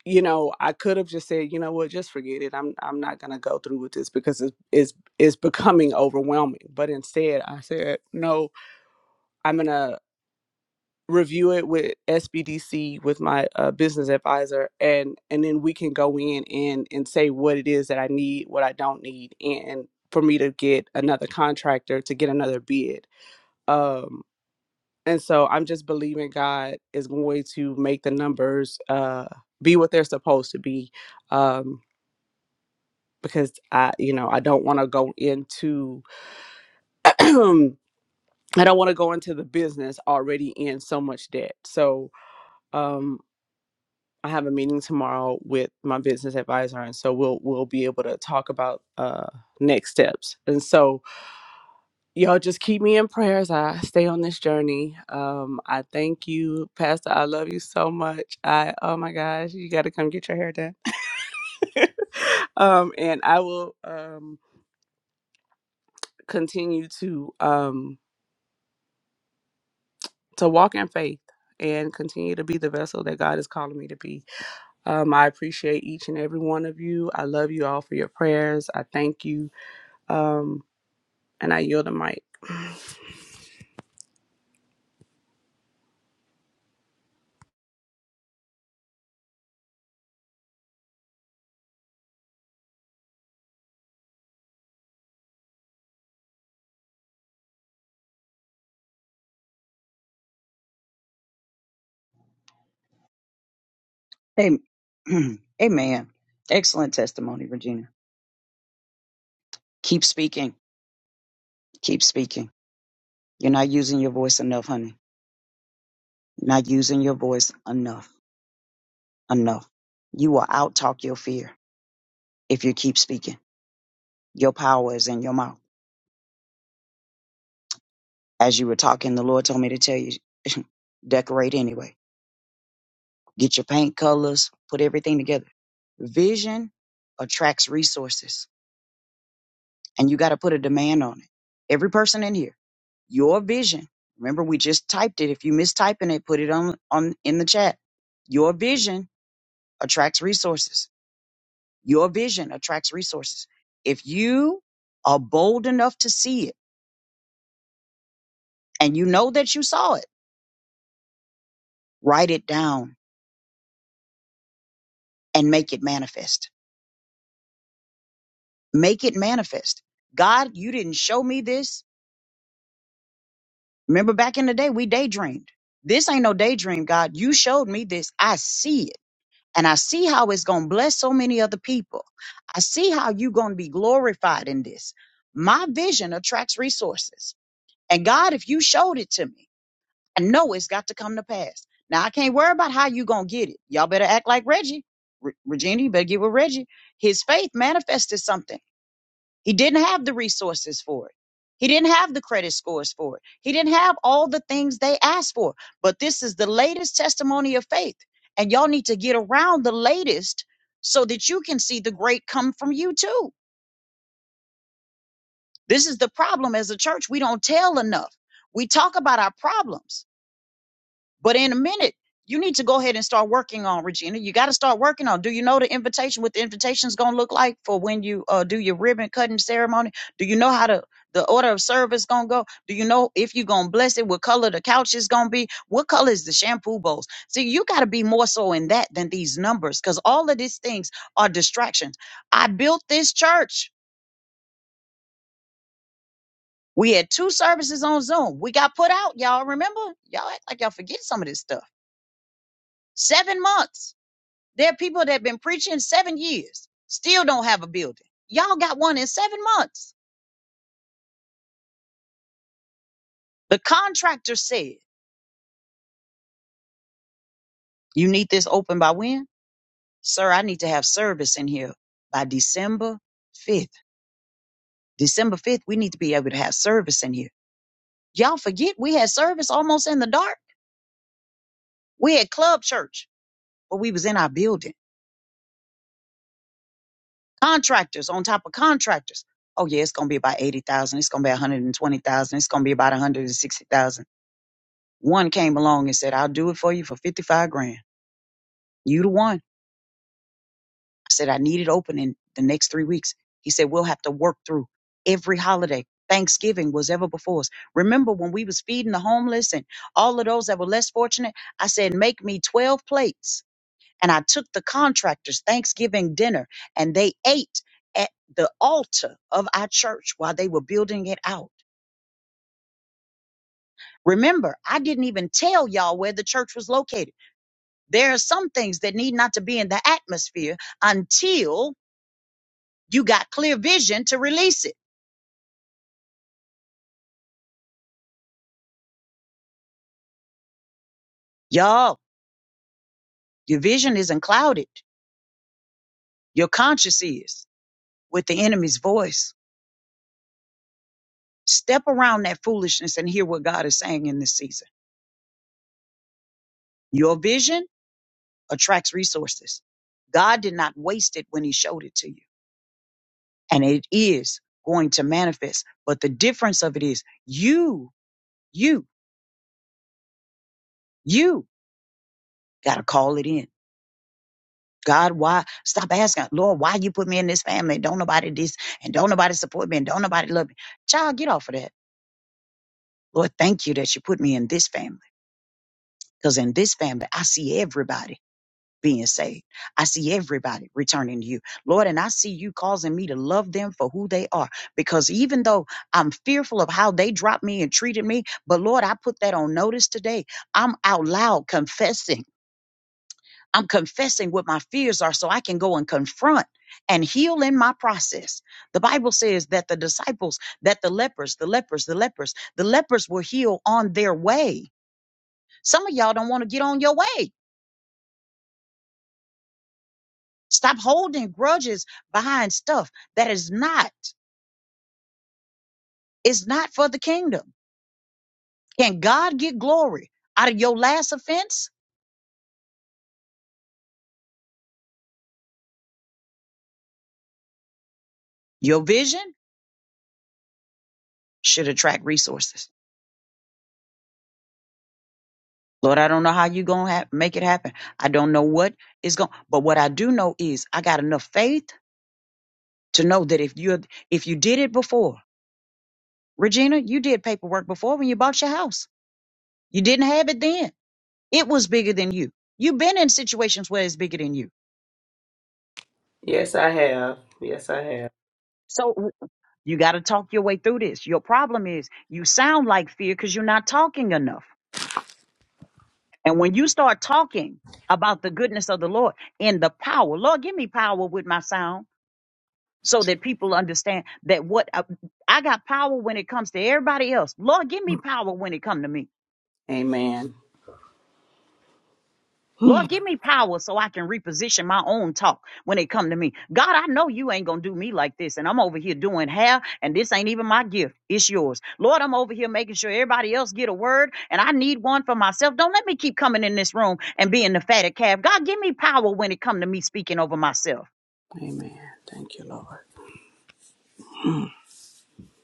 [SPEAKER 3] you know, I could have just said, you know what, just forget it. I'm, I'm not going to go through with this because it's, it's, it's becoming overwhelming. But instead, I said, no, I'm gonna." review it with SBDC with my uh, business advisor, and and then we can go in and and say what it is that I need, what I don't need, and for me to get another contractor to get another bid. Um, and so I'm just believing God is going to make the numbers uh, be what they're supposed to be, um, because I you know I don't want to go into (clears throat) I don't want to go into the business already in so much debt. So um. I have a meeting tomorrow with my business advisor, and so we'll we'll be able to talk about uh, next steps. And so, y'all just keep me in prayers. I stay on this journey. Um, I thank you, Pastor. I love you so much. I oh my gosh, you got to come get your hair done. (laughs) um, and I will um, continue to um, to walk in faith and continue to be the vessel that God is calling me to be. Um, I appreciate each and every one of you. I love you all for your prayers. I thank you Um, and I yield the mic.
[SPEAKER 1] Amen. (clears throat) Amen. Excellent testimony, Regina. Keep speaking. Keep speaking. You're not using your voice enough, honey. You're not using your voice enough. enough. You will outtalk your fear if you keep speaking. Your power is in your mouth. As you were talking, the Lord told me to tell you, (laughs) decorate anyway. Get your paint colors, put everything together. Vision attracts resources, and you got to put a demand on it. Every person in here, your vision. Remember, we just typed it. If you mistyping it, put it on on in the chat. Your vision attracts resources. Your vision attracts resources. If you are bold enough to see it and you know that you saw it, write it down and make it manifest. Make it manifest. God, you didn't show me this. Remember back in the day, we daydreamed. This ain't no daydream, God. You showed me this. I see it. And I see how it's going to bless so many other people. I see how you're going to be glorified in this. My vision attracts resources. And God, if you showed it to me, I know it's got to come to pass. Now I can't worry about how you gonna get it. Y'all better act like Reggie. Re- Regina, you better get with Reggie. His faith manifested something. He didn't have the resources for it. He didn't have the credit scores for it. He didn't have all the things they asked for. But this is the latest testimony of faith. And y'all need to get around the latest so that you can see the great come from you too. This is the problem as a church. We don't tell enough. We talk about our problems But in a minute, you need to go ahead and start working on Regina. You got to start working on. Do you know the invitation? What the invitation is going to look like for when you uh, do your ribbon cutting ceremony? Do you know how to the order of service gonna go? Do you know if you're gonna bless it? What color the couch is gonna be? What color is the shampoo bowls? See, you got to be more so in that than these numbers, because all of these things are distractions. I built this church. We had two services on Zoom. We got put out, y'all. Remember? Y'all act like y'all forget some of this stuff. Seven months There are people that have been preaching seven years, still don't have a building. Y'all got one in seven months. The contractor said, You need this open by when? Sir, I need to have service in here by December 5th. December 5th, we need to be able to have service in here. Y'all forget we had service almost in the dark. We had club church, but we was in our building. Contractors on top of contractors. Oh yeah, it's gonna be about eighty thousand. It's gonna be one hundred and twenty thousand. It's gonna be about one hundred and sixty thousand One came along and said, I'll do it for you for 55 grand. You the one. I said, I need it open in the next three weeks. He said, we'll have to work through every holiday. Thanksgiving was ever before us. Remember when we was feeding the homeless and all of those that were less fortunate? I said, make me 12 plates. And I took the contractors Thanksgiving dinner and they ate at the altar of our church while they were building it out. Remember, I didn't even tell y'all where the church was located. There are some things that need not to be in the atmosphere until you got clear vision to release it. Y'all, your vision isn't clouded. Your conscience is with the enemy's voice. Step around that foolishness and hear what God is saying in this season. Your vision attracts resources. God did not waste it when he showed it to you. And it is going to manifest. But the difference of it is you, you, you got to call it in. God, why? Stop asking, Lord, why you put me in this family? Don't nobody this, and don't nobody support me, and don't nobody love me. Child, get off of that. Lord, thank you that you put me in this family. Because in this family, I see everybody being saved. I see everybody returning to you. Lord, and I see you causing me to love them for who they are. Because even though I'm fearful of how they dropped me and treated me, but Lord, I put that on notice today. I'm out loud confessing. I'm confessing what my fears are so I can go and confront and heal in my process. The Bible says that the disciples, that the lepers, the lepers, the lepers, the lepers were healed on their way. Some of y'all don't want to get on your way. Stop holding grudges behind stuff that is not, is not for the kingdom. Can God get glory out of your last offense? Your vision should attract resources. Lord, I don't know how you gonna ha- make it happen. I don't know what is going, but what I do know is I got enough faith to know that if you if you did it before, Regina, you did paperwork before when you bought your house. You didn't have it then. It was bigger than you. You've been in situations where it's bigger than you.
[SPEAKER 3] Yes, I have. Yes, I have.
[SPEAKER 1] So you got to talk your way through this. Your problem is you sound like fear because you're not talking enough. And when you start talking about the goodness of the Lord and the power, Lord, give me power with my sound. so that people understand that what I, I got power when it comes to everybody else. Lord, give me power when it come to me.
[SPEAKER 3] Amen.
[SPEAKER 1] Lord, give me power so I can reposition my own talk when it come to me. God, I know you ain't gonna do me like this, and I'm over here doing hair, and this ain't even my gift. It's yours, Lord. I'm over here making sure everybody else get a word, and I need one for myself. Don't let me keep coming in this room and being the fatted calf. God, give me power when it come to me speaking over myself.
[SPEAKER 3] Amen. Thank you, Lord.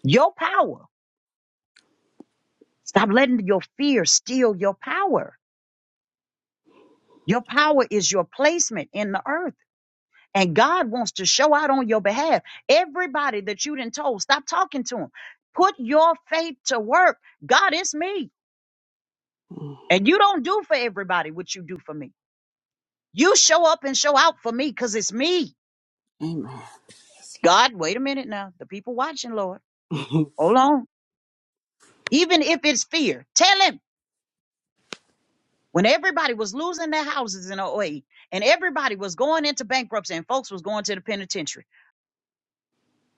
[SPEAKER 1] Your power. Stop letting your fear steal your power Your power is your placement in the earth. And God wants to show out on your behalf. Everybody that you done told, stop talking to them. Put your faith to work. God is me.
[SPEAKER 3] Mm,
[SPEAKER 1] And you don't do for everybody what you do for me. You show up and show out for me because it's me.
[SPEAKER 3] Amen.
[SPEAKER 1] God, wait a minute now. The people watching, Lord. Hold on. Even if it's fear, tell him. When everybody was losing their houses in oh 08 and everybody was going into bankruptcy and folks was going to the penitentiary,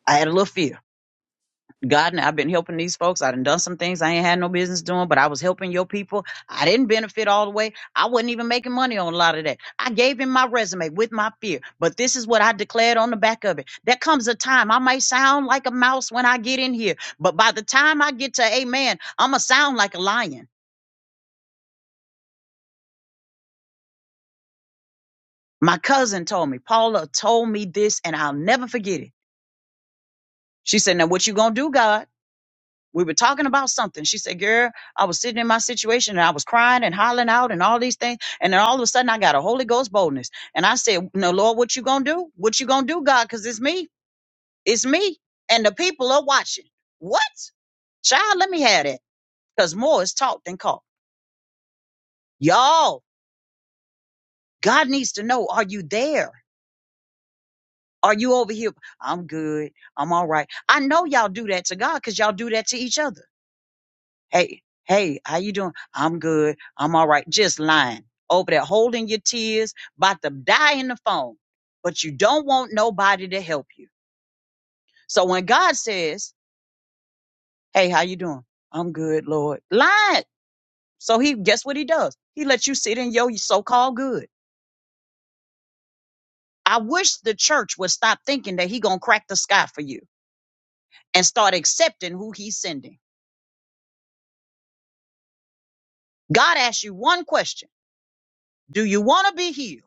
[SPEAKER 1] I had a little fear. God, I've been helping these folks. I done done some things I ain't had no business doing, but I was helping your people. I didn't benefit all the way. I wasn't even making money on a lot of that. I gave him my resume with my fear, but this is what I declared on the back of it. There comes a time I may sound like a mouse when I get in here, but by the time I get to amen, I'm going to sound like a lion. My cousin told me, Paula told me this, and I'll never forget it. She said, Now, what you gonna do, God? we were talking about something. She said, Girl, I was sitting in my situation and I was crying and hollering out and all these things. And then all of a sudden I got a Holy Ghost boldness. And I said, No, Lord, what you gonna do? What you gonna do, God? Because it's me. It's me. And the people are watching. What? Child, let me have that. Because more is taught than caught. Y'all, God needs to know, are you there? Are you over here? I'm good. I'm all right. I know y'all do that to God because y'all do that to each other. Hey, hey, how you doing? I'm good. I'm all right. Just lying over there, holding your tears, about to die in the phone. But you don't want nobody to help you. So when God says, Hey, how you doing? I'm good, Lord. Lying. So he guess what he does? He lets you sit in your so-called good. I wish the church would stop thinking that he gonna crack the sky for you and start accepting who he's sending. God asks you one question. Do you want to be healed?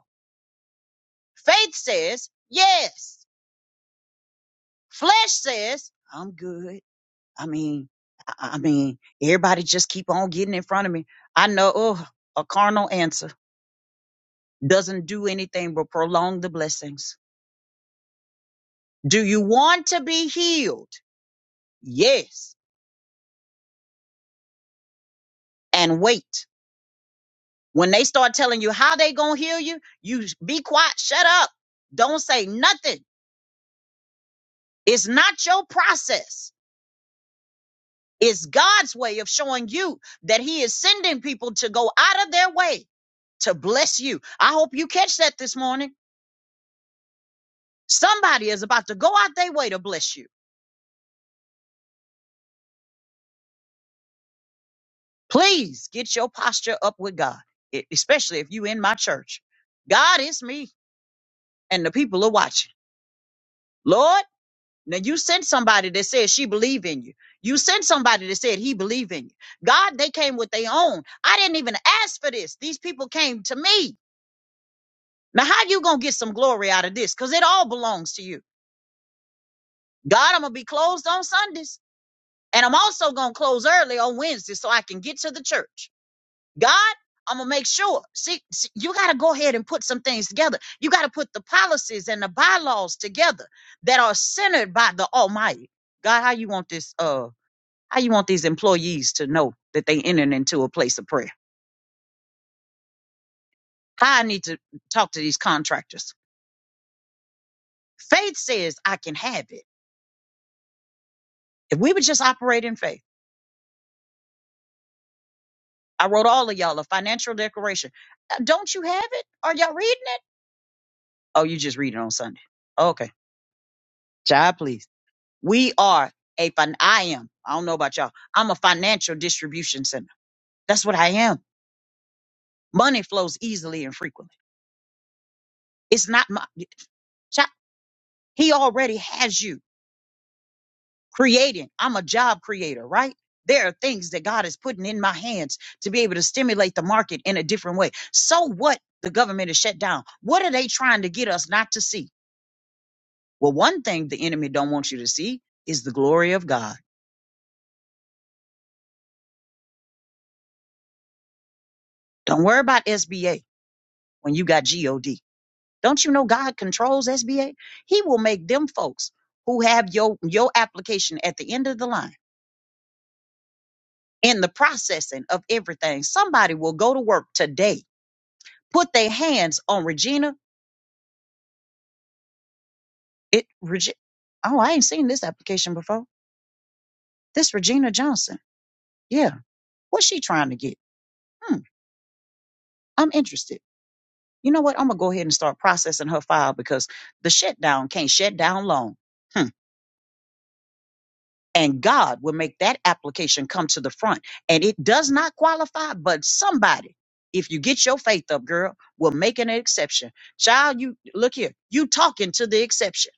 [SPEAKER 1] Faith says yes. Flesh says, I'm good. I mean, I I mean, everybody just keep on getting in front of me. I know oh, a carnal answer doesn't do anything but prolong the blessings. Do you want to be healed? Yes. And wait. When they start telling you how they gonna heal you, you sh- be quiet, shut up. Don't say nothing. It's not your process. It's God's way of showing you that He is sending people to go out of their way to bless you. I hope you catch that this morning. Somebody is about to go out their way to bless you. Please get your posture up with God, e- especially if you in my church. God is me and the people are watching. Lord, now you sent somebody that said she believe in you. You sent somebody that said he believe in you. God, they came with their own. I didn't even ask for this. These people came to me. Now how you going to get some glory out of this? Cause it all belongs to you. God, I'm going to be closed on Sundays. And I'm also going to close early on Wednesday so I can get to the church. God, I'm going to make sure. See, see you got to go ahead and put some things together. You got to put the policies and the bylaws together that are centered by the Almighty. God, how you want this uh how you want these employees to know that they entered into a place of prayer? How I need to talk to these contractors. Faith says I can have it. If we would just operate in faith. I wrote all of y'all a financial declaration. Uh, Don't you have it? Are y'all reading it? Oh, you just read it on Sunday. Okay. Child, please. We are a fin I am. I don't know about y'all. I'm a financial distribution center. That's what I am. Money flows easily and frequently. It's not my child. He already has you creating. I'm a job creator, right? There are things that God is putting in my hands to be able to stimulate the market in a different way. So what? The government is shut down. What are they trying to get us not to see? Well, one thing the enemy don't want you to see is the glory of God. Don't worry about SBA. when you got God. Don't you know God controls SBA? He will make them folks who have your your application at the end of the line in the processing of everything. Somebody will go to work today, put their hands on Regina. It Regi- Oh, I ain't seen this application before. This Regina Johnson. Yeah. What's she trying to get? Hmm. I'm interested. You know what? I'm gonna go ahead and start processing her file because the shutdown can't shut down long. and God will make that application come to the front. And it does not qualify, but somebody, if you get your faith up, girl, will make an exception. Child, you look here, you talking to the exception.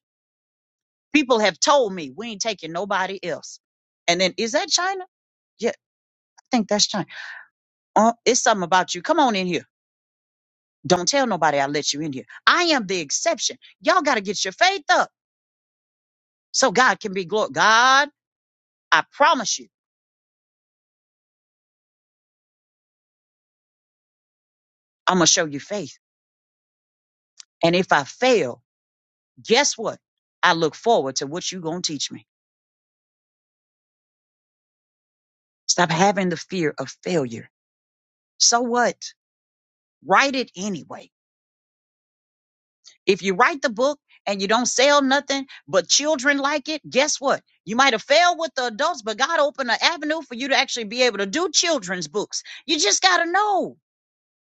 [SPEAKER 1] People have told me we ain't taking nobody else. And then is that China? Yeah, I think that's China. Uh, it's something about you. Come on in here. Don't tell nobody I let you in here. I am the exception. Y'all got to get your faith up so God can be glorified. God, I promise you, I'm going to show you faith. And if I fail, Guess what? I look forward to what you're going to teach me. Stop having the fear of failure. So what? Write it anyway. If you write the book and you don't sell nothing, but children like it, guess what? You might have failed with the adults, but God opened an avenue for you to actually be able to do children's books. You just got to know.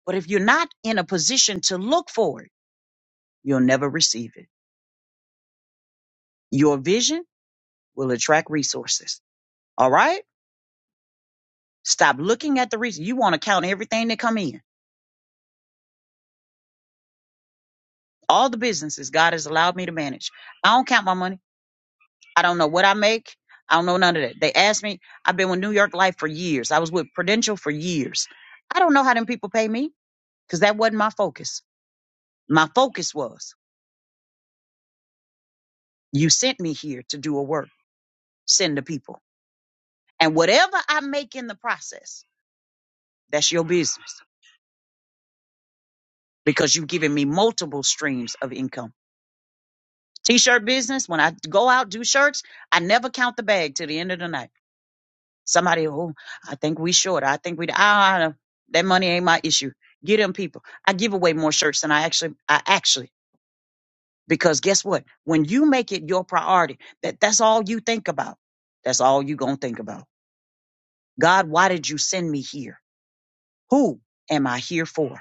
[SPEAKER 1] But if you're not in a position to look for it, you'll never receive it. Your vision will attract resources. All right? Stop looking at the reason. You want to count everything that come in. all the businesses God has allowed me to manage. I don't count my money. I don't know what I make. I don't know none of that. They asked me, I've been with New York Life for years. I was with Prudential for years. I don't know how them people pay me because that wasn't my focus. My focus was you sent me here to do a work, send the people. And whatever I make in the process, that's your business because you've given me multiple streams of income. T shirt business, when I go out, do shirts, I never count the bag till the end of the night. Somebody, oh, I think we short. I think we, ah, don't know. that money ain't my issue. Get them people. I give away more shirts than I actually, I actually, because guess what? When you make it your priority, that that's all you think about. That's all you gonna think about. God, why did you send me here? Who am I here for?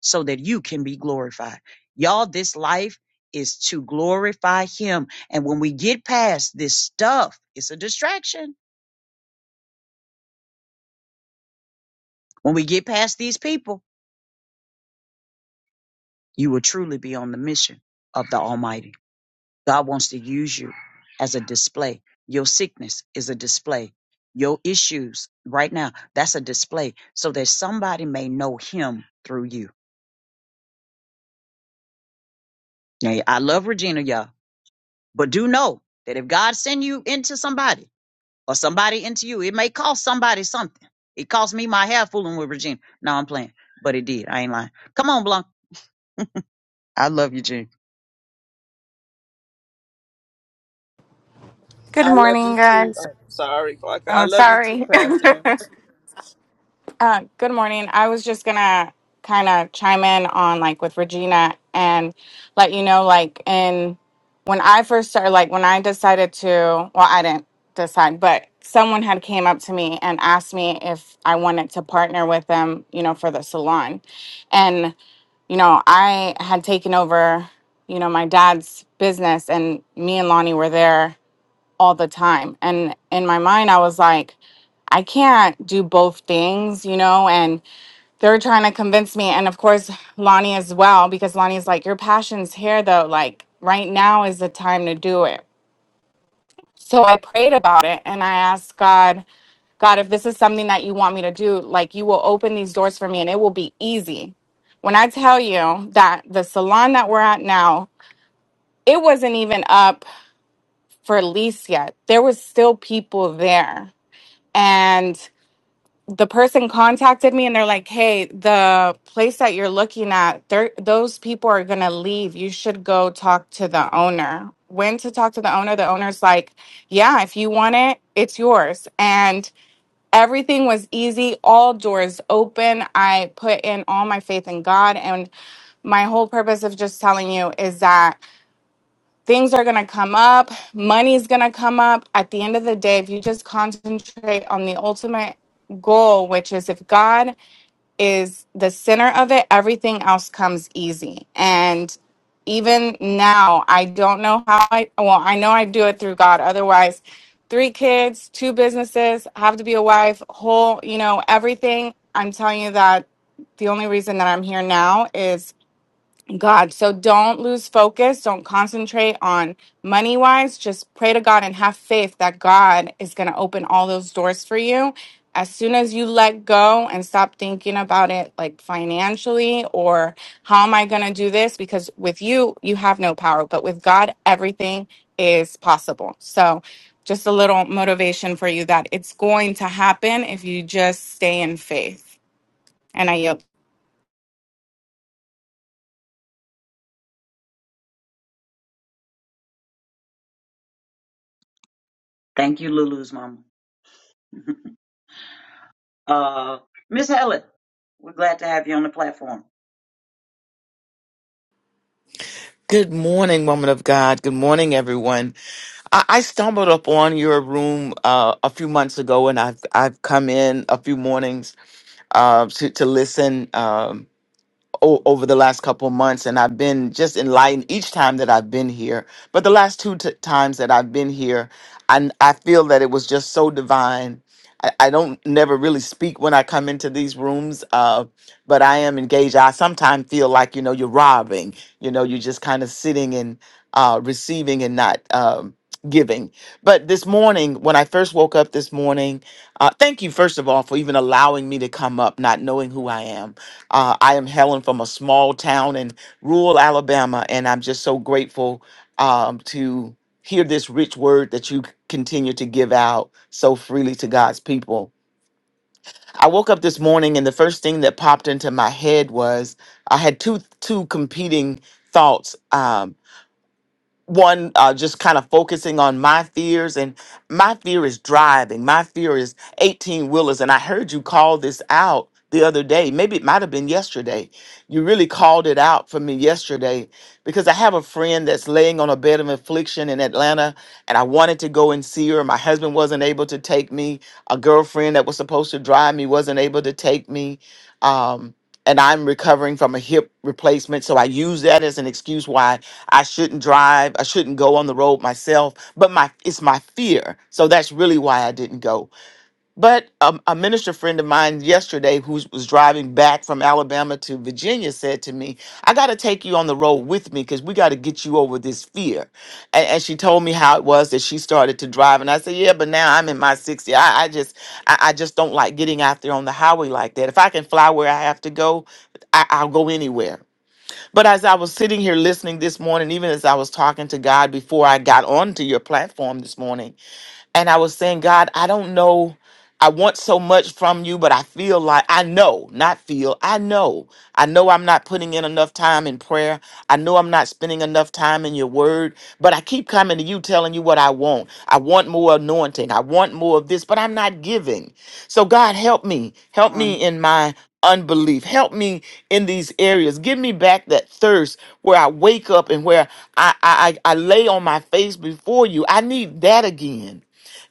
[SPEAKER 1] So that you can be glorified. Y'all, this life is to glorify Him. And when we get past this stuff, it's a distraction. When we get past these people, you will truly be on the mission of the Almighty. God wants to use you as a display. Your sickness is a display. Your issues right now, that's a display so that somebody may know him through you. Now, I love Regina, y'all, but do know that if God send you into somebody or somebody into you, it may cost somebody something. It cost me my hair fooling with Regina. No, I'm playing, but it did. I ain't lying. Come on, Blanc. I love you, Gene.
[SPEAKER 3] (laughs)
[SPEAKER 4] Good
[SPEAKER 3] I love
[SPEAKER 4] morning,
[SPEAKER 3] you too.
[SPEAKER 4] guys.
[SPEAKER 3] Oh, sorry, Parker. I
[SPEAKER 4] Oh,
[SPEAKER 3] love you too,
[SPEAKER 4] sorry.
[SPEAKER 3] Pastor.
[SPEAKER 4] (laughs) uh, good morning. I was just gonna kind of chime in on like with Regina and let you know, like, in when I first started, like, when I decided to, well, I didn't decide, but someone had came up to me and asked me if I wanted to partner with them, you know, for the salon, and you know, I had taken over, you know, my dad's business, and me and Lonnie were there all the time. And in my mind, I was like, I can't do both things, you know? And they're trying to convince me. And of course, Lonnie as well, because Lonnie's like, Your passion's here though. Like, right now is the time to do it. So I prayed about it and I asked God, God, if this is something that you want me to do, like, you will open these doors for me and it will be easy. When I tell you that the salon that we're at now, it wasn't even up for lease yet, there was still people there and the person contacted me and they're like hey the place that you're looking at they're- those people are going to leave you should go talk to the owner when to talk to the owner the owner's like yeah if you want it it's yours and everything was easy all doors open i put in all my faith in god and my whole purpose of just telling you is that things are going to come up, money's going to come up. At the end of the day, if you just concentrate on the ultimate goal, which is if God is the center of it, everything else comes easy. And even now, I don't know how I, well, I know I do it through God. Otherwise, three kids, two businesses, have to be a wife, whole, you know, everything. I'm telling you that the only reason that I'm here now is. God. So don't lose focus. Don't concentrate on money wise. Just pray to God and have faith that God is going to open all those doors for you. As soon as you let go and stop thinking about it, like financially or how am I going to do this? Because with you, you have no power, but with God, everything is possible. So just a little motivation for you that it's going to happen if you just stay in faith. And I yield.
[SPEAKER 1] Thank you, Lulu's mama. (laughs) Uh, Miss Helen, we're glad to have you on the platform.
[SPEAKER 5] Good morning, woman of God. Good morning, everyone. I, I stumbled upon your room uh, a few months ago, and I've I've come in a few mornings uh, to to listen. um, o- over the last couple months and I've been just enlightened each time that I've been here. But the last two t- times that I've been here, I, I feel that it was just so divine. I, I don't never really speak when I come into these rooms, uh, but I am engaged. I sometimes feel like, you know, you're robbing, you know, you're just kind of sitting and uh, receiving and not um, giving. But this morning, when I first woke up this morning, uh, thank you, first of all, for even allowing me to come up, not knowing who I am uh, I am Helen from a small town in rural Alabama, and I'm just so grateful um, to hear this rich word that you continue to give out so freely to God's people. I woke up this morning, and the first thing that popped into my head was I had two two competing thoughts. Um, one uh, just kind of focusing on my fears and my fear is driving my fear is 18 wheelers and i heard you call this out the other day maybe it might have been yesterday you really called it out for me yesterday because i have a friend that's laying on a bed of affliction in atlanta and i wanted to go and see her my husband wasn't able to take me a girlfriend that was supposed to drive me wasn't able to take me um, and i'm recovering from a hip replacement so i use that as an excuse why I shouldn't drive. I shouldn't go on the road myself. But my it's my fear. So that's really why I didn't go. But um, a minister friend of mine yesterday who was driving back from Alabama to Virginia said to me, I got to take you on the road with me because we got to get you over this fear. And, and she told me how it was that she started to drive. And I said, yeah, but now I'm in my 60. I, I just I, I just don't like getting out there on the highway like that. If I can fly where I have to go, I, I'll go anywhere. But as I was sitting here listening this morning, even as I was talking to God before I got onto your platform this morning, and I was saying, God, I don't know. I want so much from you, but I feel like I know, not feel, I know. I know I'm not putting in enough time in prayer. I know I'm not spending enough time in your word, but I keep coming to you telling you what I want. I want more anointing. I want more of this, but I'm not giving. So, God, help me. Help
[SPEAKER 1] On,
[SPEAKER 5] me in my unbelief. Help me in these areas. Give me back that thirst where I wake up and where I, I, I I lay on my face before you. I need that again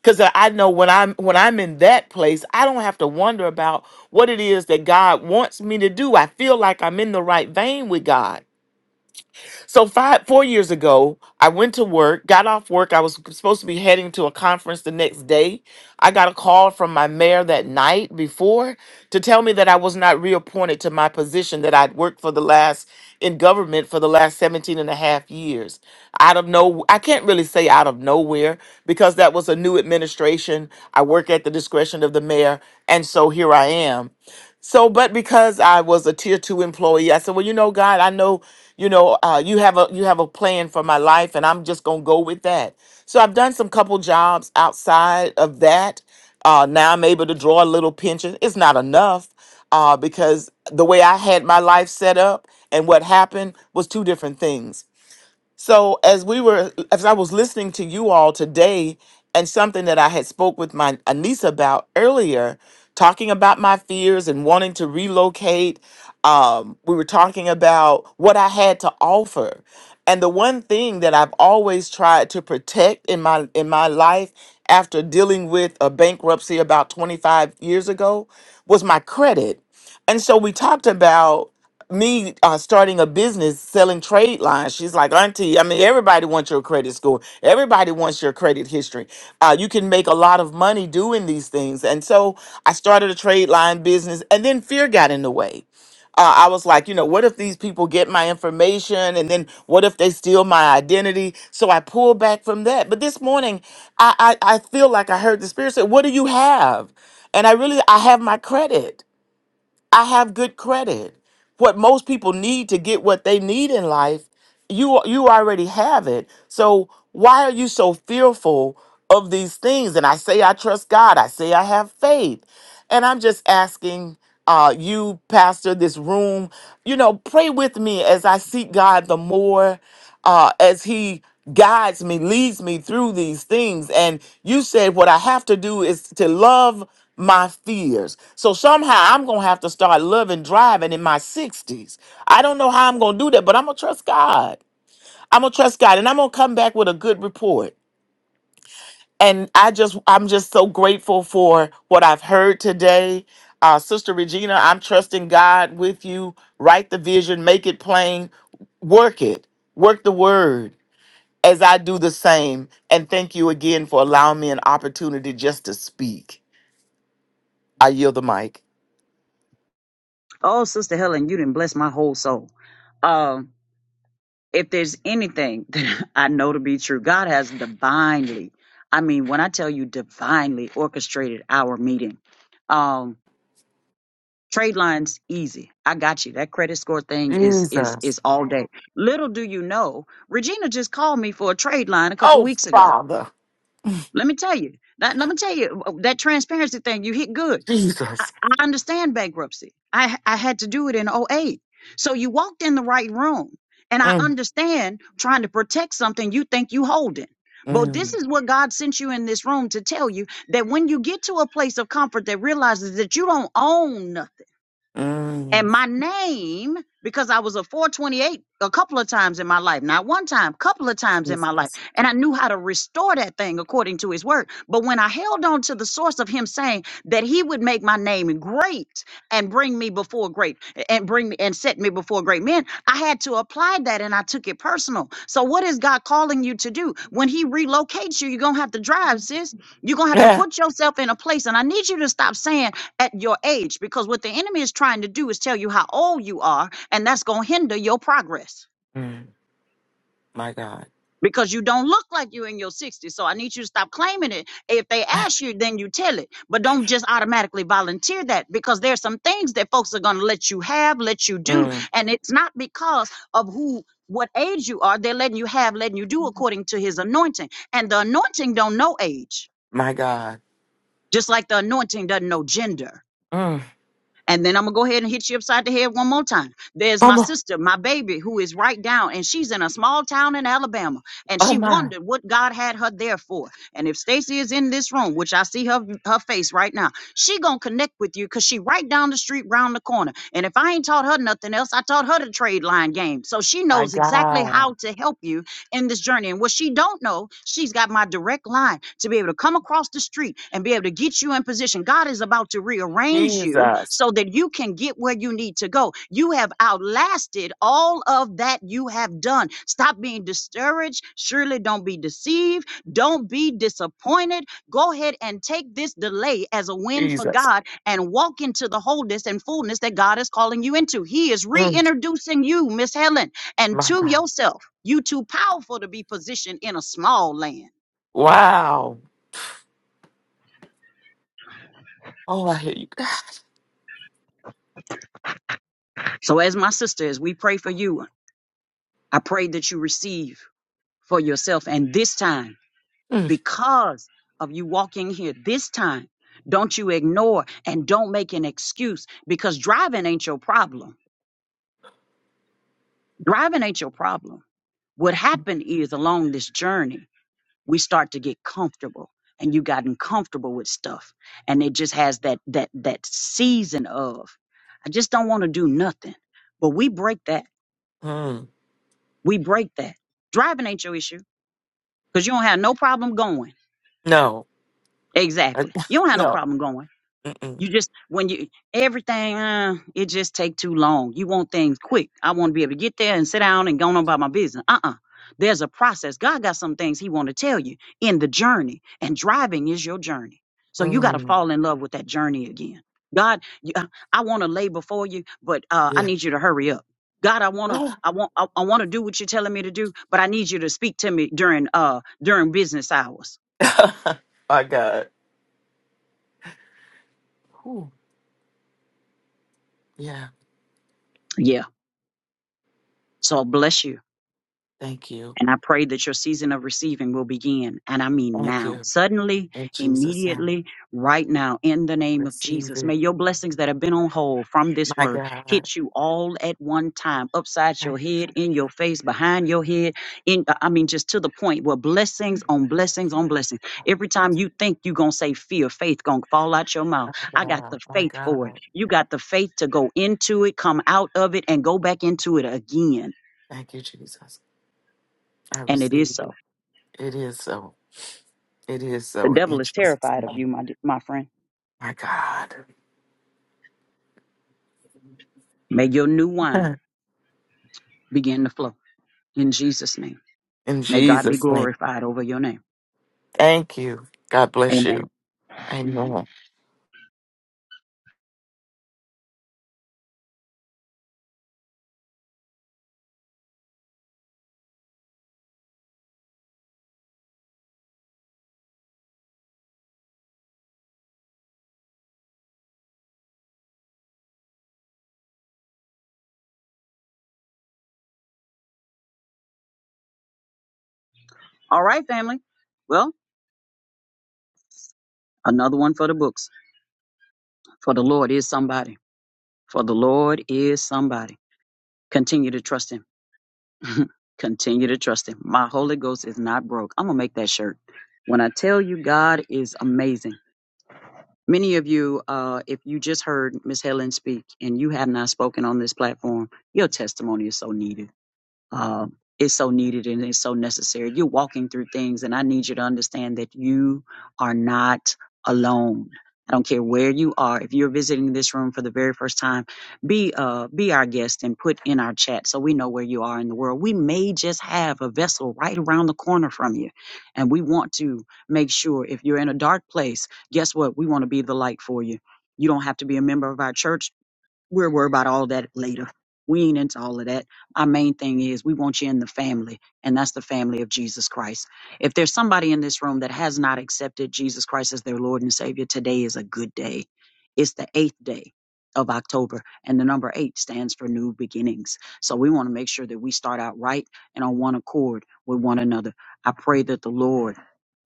[SPEAKER 5] because I know when I'm when I'm in that place, I don't have to wonder about what it is that God wants me to do. I feel like I'm in the right vein with God. So five, four years ago, I went to work, got off work. I was supposed to be heading to a conference the next day. I got a call from my mayor that night before to tell me that I was not reappointed to my position that I'd worked for the last in government for the last 17 and a half years. Out of no, I can't really say out of nowhere because that was a new administration. I work at the discretion of the mayor. And so here I am. So, but because I was a tier two employee, I said, "Well, you know, God, I know, you know, uh, you have a you have a plan for my life, and I'm just gonna go with that." So, I've done some couple jobs outside of that. Uh, now I'm able to draw a little pension. It's not enough uh, because the way I had my life set up and what happened was two different things. So as we were, as I was listening to you all today, and something that I had spoke with my a niece about earlier, talking about my fears and wanting to relocate, um, we were talking about what I had to offer, and the one thing that I've always tried to protect in my in my life after dealing with a bankruptcy about 25 years ago was my credit. And so we talked about me uh, starting a business selling trade lines. She's like, Auntie, I mean, everybody wants your credit score. Everybody wants your credit history. Uh, you can make a lot of money doing these things. And so I started a trade line business, and then fear got in the way. Uh, I was like, you know, what if these people get my information and then what if they steal my identity? So I pulled back from that. But this morning, I, I, I feel like I heard the Spirit say, What do you have? And I really, I have my credit. I have good credit. What most people need to get what they need in life, you you already have it. So why are you so fearful of these things? And I say I trust God. I say I have faith. And I'm just asking uh, you, Pastor, this room, you know, pray with me as I seek God the more uh, as he guides me, leads me through these things. And you said what I have to do is to love my fears. So somehow I'm going to have to start loving driving in my 60s. I don't know how I'm going to do that, but I'm going to trust God. I'm going to trust God and I'm going to come back with a good report. And I just, I'm just so grateful for what I've heard today. Uh, Sister Regina, I'm trusting God with you. Write the vision, make it plain, work it, work the word as I do the same. And thank you again for allowing me an opportunity just to speak. I yield the mic.
[SPEAKER 1] oh, Sister Helen, you didn't bless my whole soul. Um, if there's anything (laughs) that I know to be true, God has divinely, I mean, when I tell you divinely orchestrated our meeting. Um, trade lines easy. I got you. That credit score thing is is
[SPEAKER 5] Jesus.
[SPEAKER 1] is all day. Little do you know, Regina just called me for a trade line a couple
[SPEAKER 5] Oh,
[SPEAKER 1] weeks ago.
[SPEAKER 5] Father.
[SPEAKER 1] Let me tell you. That, let me tell you uh, that transparency thing. You hit good I,
[SPEAKER 5] Jesus.
[SPEAKER 1] I understand bankruptcy. I I had to do it in '08. So you walked in the right room. And I
[SPEAKER 5] Mm,
[SPEAKER 1] understand trying to protect something you think you holding. But this
[SPEAKER 5] mm,
[SPEAKER 1] is what God sent you in this room to tell you that when you get to a place of comfort that realizes that you don't own and
[SPEAKER 5] mm.
[SPEAKER 1] my name, because I was a 428 a couple of times in my life, not one time, couple of times in my life.
[SPEAKER 5] Jesus. (laughs)
[SPEAKER 1] And I knew how to restore that thing according to his word. But when I held on to the source of him saying that he would make my name great and bring me before great and bring me and set me before great men, I had to apply that and I took it personal. So what is God calling you to do? When he relocates you, you're gonna have to drive, sis. You're gonna have to
[SPEAKER 5] Yeah.
[SPEAKER 1] put yourself in a place. And I need you to stop saying at your age because what the enemy is trying to do is tell you how old you are and that's going to hinder your progress
[SPEAKER 5] Mm, my God.
[SPEAKER 1] because you don't look like you in your 60s so i need you to stop claiming it if they ask you then you tell it but don't just automatically volunteer that because there's some things that folks are going to let you have let you do
[SPEAKER 5] Mm,
[SPEAKER 1] and it's not because of who what age you are they're letting you have letting you do according to his anointing and the anointing don't know age
[SPEAKER 5] my God.
[SPEAKER 1] just like the anointing doesn't know gender
[SPEAKER 5] Mm.
[SPEAKER 1] And then I'm gonna go ahead and hit you upside the head one more time. There's my
[SPEAKER 5] Come on.
[SPEAKER 1] sister, my baby, who is right down, and she's in a small town in Alabama, and
[SPEAKER 5] Oh,
[SPEAKER 1] she
[SPEAKER 5] my.
[SPEAKER 1] wondered what God had her there for. And if Stacy is in this room, which I see her her face right now, she gonna connect with you because she right down the street, round the corner. And if I ain't taught her nothing else, I taught her the trade line game, so she
[SPEAKER 5] My
[SPEAKER 1] knows exactly
[SPEAKER 5] God.
[SPEAKER 1] how to help you in this journey. And what she don't know, she's got my direct line to be able to come across the street and be able to get you in position. God is about to rearrange you
[SPEAKER 5] Jesus.
[SPEAKER 1] so that you can get where you need to go. You have outlasted all of that you have done. Stop being discouraged. Surely don't be deceived. Don't be disappointed. Go ahead and take this delay as a win for
[SPEAKER 5] Jesus.
[SPEAKER 1] God and walk into the wholeness and fullness that God is calling you into. He is
[SPEAKER 5] Mm,
[SPEAKER 1] reintroducing you, Miss Helen and
[SPEAKER 5] my
[SPEAKER 1] to
[SPEAKER 5] God.
[SPEAKER 1] yourself. You too powerful to be positioned in a small land.
[SPEAKER 5] Wow. Oh, I hear you. (sighs)
[SPEAKER 1] So as my sister, as we pray for you, I pray that you receive for yourself. And this time,
[SPEAKER 5] Mm,
[SPEAKER 1] because of you walking here, this time, don't you ignore and don't make an excuse because driving ain't your problem. Driving ain't your problem. What happened is along this journey, we start to get comfortable and you gotten comfortable with stuff and it just has that that that season of i just don't want to do nothing but we break that
[SPEAKER 5] mm.
[SPEAKER 1] we break that driving ain't your issue because you don't have no problem going
[SPEAKER 5] No. I,
[SPEAKER 1] exactly you don't
[SPEAKER 5] (laughs)
[SPEAKER 1] have no
[SPEAKER 5] no.
[SPEAKER 1] problem going
[SPEAKER 5] Mm-mm.
[SPEAKER 1] You just when you everything uh, it just take too long. You want things quick. I want to be able to get there and sit down and go on about my business. Uh uh There's a process. God got some things He want to tell you in the journey, and driving is your journey.
[SPEAKER 5] Mm.
[SPEAKER 1] So you got to
[SPEAKER 5] Mm,
[SPEAKER 1] fall in love with that journey again. God, you- uh, I want to lay before you, but uh, I
[SPEAKER 5] yeah.
[SPEAKER 1] need you to hurry up. God, I
[SPEAKER 5] (laughs)
[SPEAKER 1] wanna, I want, I, I want to do what you're telling me to do, but I need you to speak to me during, uh, during business hours.
[SPEAKER 5] My God. Whew. Yeah.
[SPEAKER 1] Yeah. So bless you.
[SPEAKER 5] Thank you.
[SPEAKER 1] And I pray that your season of receiving will begin. And I mean
[SPEAKER 5] Thank
[SPEAKER 1] now,
[SPEAKER 5] you.
[SPEAKER 1] suddenly,
[SPEAKER 5] In Jesus' name.
[SPEAKER 1] immediately, right now, in the
[SPEAKER 5] I
[SPEAKER 1] name of
[SPEAKER 5] receive
[SPEAKER 1] Jesus.
[SPEAKER 5] it.
[SPEAKER 1] May your blessings that have been on hold from this
[SPEAKER 5] My
[SPEAKER 1] word
[SPEAKER 5] God.
[SPEAKER 1] hit you all at one time, upside
[SPEAKER 5] Thank
[SPEAKER 1] your
[SPEAKER 5] you.
[SPEAKER 1] head, in your face, behind your head. In uh, I mean, just to the point where blessings
[SPEAKER 5] Jesus.
[SPEAKER 1] on blessings
[SPEAKER 5] Thank you,
[SPEAKER 1] on blessings.
[SPEAKER 5] God.
[SPEAKER 1] Every time you think you're gonna say fear, faith gonna fall out your mouth.
[SPEAKER 5] My
[SPEAKER 1] I got
[SPEAKER 5] God.
[SPEAKER 1] the
[SPEAKER 5] My
[SPEAKER 1] faith for it.
[SPEAKER 5] God.
[SPEAKER 1] You got the faith to go into it, come out of it, and go back into it again.
[SPEAKER 5] Thank you, Jesus. I
[SPEAKER 1] And it
[SPEAKER 5] receive
[SPEAKER 1] is so.
[SPEAKER 5] it. It is so. It is
[SPEAKER 1] The
[SPEAKER 5] so.
[SPEAKER 1] devil
[SPEAKER 5] In
[SPEAKER 1] is
[SPEAKER 5] Jesus'
[SPEAKER 1] terrified of
[SPEAKER 5] name.
[SPEAKER 1] you, my, my friend.
[SPEAKER 5] My God.
[SPEAKER 1] May your new wine begin to flow in Jesus' name.
[SPEAKER 5] (laughs) In
[SPEAKER 1] May God be
[SPEAKER 5] Jesus' name.
[SPEAKER 1] glorified over your name.
[SPEAKER 5] Thank you. God bless
[SPEAKER 1] Amen.
[SPEAKER 5] you. Amen.
[SPEAKER 1] Mhm. All right, family. Well, another one for the books. For the Lord is somebody. For the Lord is somebody. Continue to trust Him. (laughs) Continue to trust Him. My Holy Ghost is not broke. I'm going to make that shirt. When I tell you God is amazing, many of you, uh, if you just heard Miss Helen speak and you have not spoken on this platform, your testimony is so needed um, is so needed and is so necessary. You're walking through things, and I need you to understand that you are not alone. I don't care where you are. If you're visiting this room for the very first time, be uh be our guest and put in our chat so we know where you are in the world. We may just have a vessel right around the corner from you, and we want to make sure if you're in a dark place, guess what? We want to be the light for you. You don't have to be a member of our church we'll worry about all that later. We ain't into all of that. Our main thing is we want you in the family, and that's the family of Jesus Christ. If there's somebody in this room that has not accepted Jesus Christ as their Lord and Savior, today is a good day. It's the eighth day of October, and the number eight stands for new beginnings. So we want to make sure that we start out right and on one accord with one another. I pray that the Lord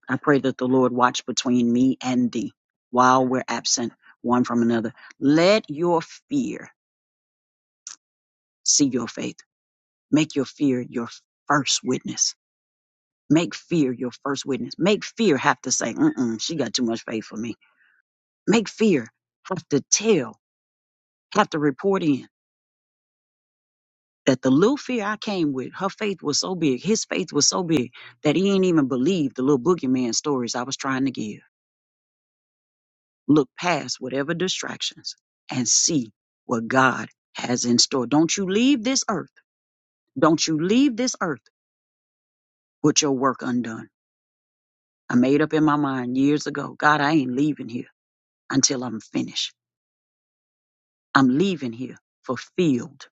[SPEAKER 1] I pray that the Lord watch between me and thee while we're absent one from another let your fear see your faith. Make your fear your first witness. Make fear your first witness. Make fear have to say, mm she got too much faith for me. Make fear have to tell, have to report in that the little fear I came with, her faith was so big, his faith was so big that he ain't even believe the little boogeyman stories I was trying to give. Look past whatever distractions and see what God has in store. Don't you leave this earth. Don't you leave this earth with your work undone. I made up in my mind years ago, God, I ain't leaving here until I'm finished. I'm leaving here fulfilled.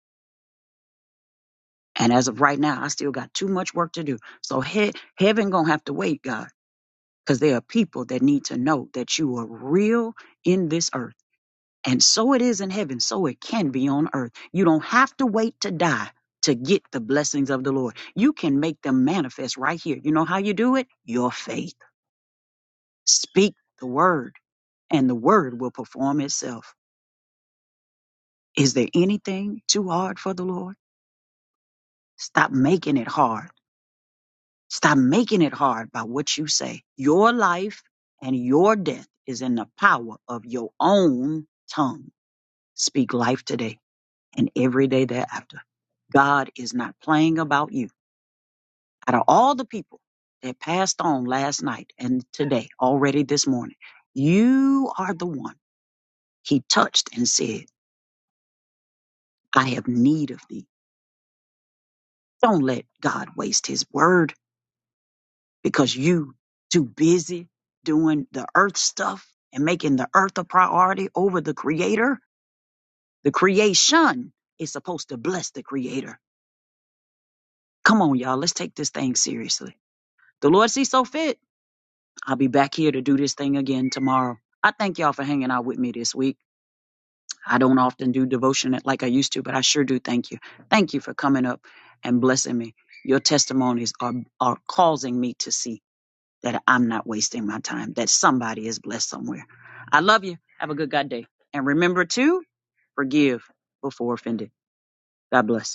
[SPEAKER 1] And as of right now, I still got too much work to do. So he- heaven gonna have to wait, God, because there are people that need to know that you are real in this earth. And so it is in heaven, so it can be on earth. You don't have to wait to die to get the blessings of the Lord. You can make them manifest right here. You know how you do it? Your faith. Speak the word, and the word will perform itself. Is there anything too hard for the Lord? Stop making it hard. Stop making it hard by what you say. Your life and your death is in the power of your own tongue. Speak life today and every day thereafter. God is not playing about you. Out of all the people that passed on last night and today, already this morning, you are the one he touched and said, I have need of thee. Don't let God waste his word because you too busy doing the earth stuff and making the earth a priority over the creator. The creation is supposed to bless the creator. Come on, y'all. Let's take this thing seriously. The Lord sees so fit. I'll be back here to do this thing again tomorrow. I thank y'all for hanging out with me this week. I don't often do devotion like I used to, but I sure do thank you. Thank you for coming up and blessing me. Your testimonies are, are causing me to see that I'm not wasting my time, that somebody is blessed somewhere. I love you. Have a good God day. And remember to forgive before offended. God bless.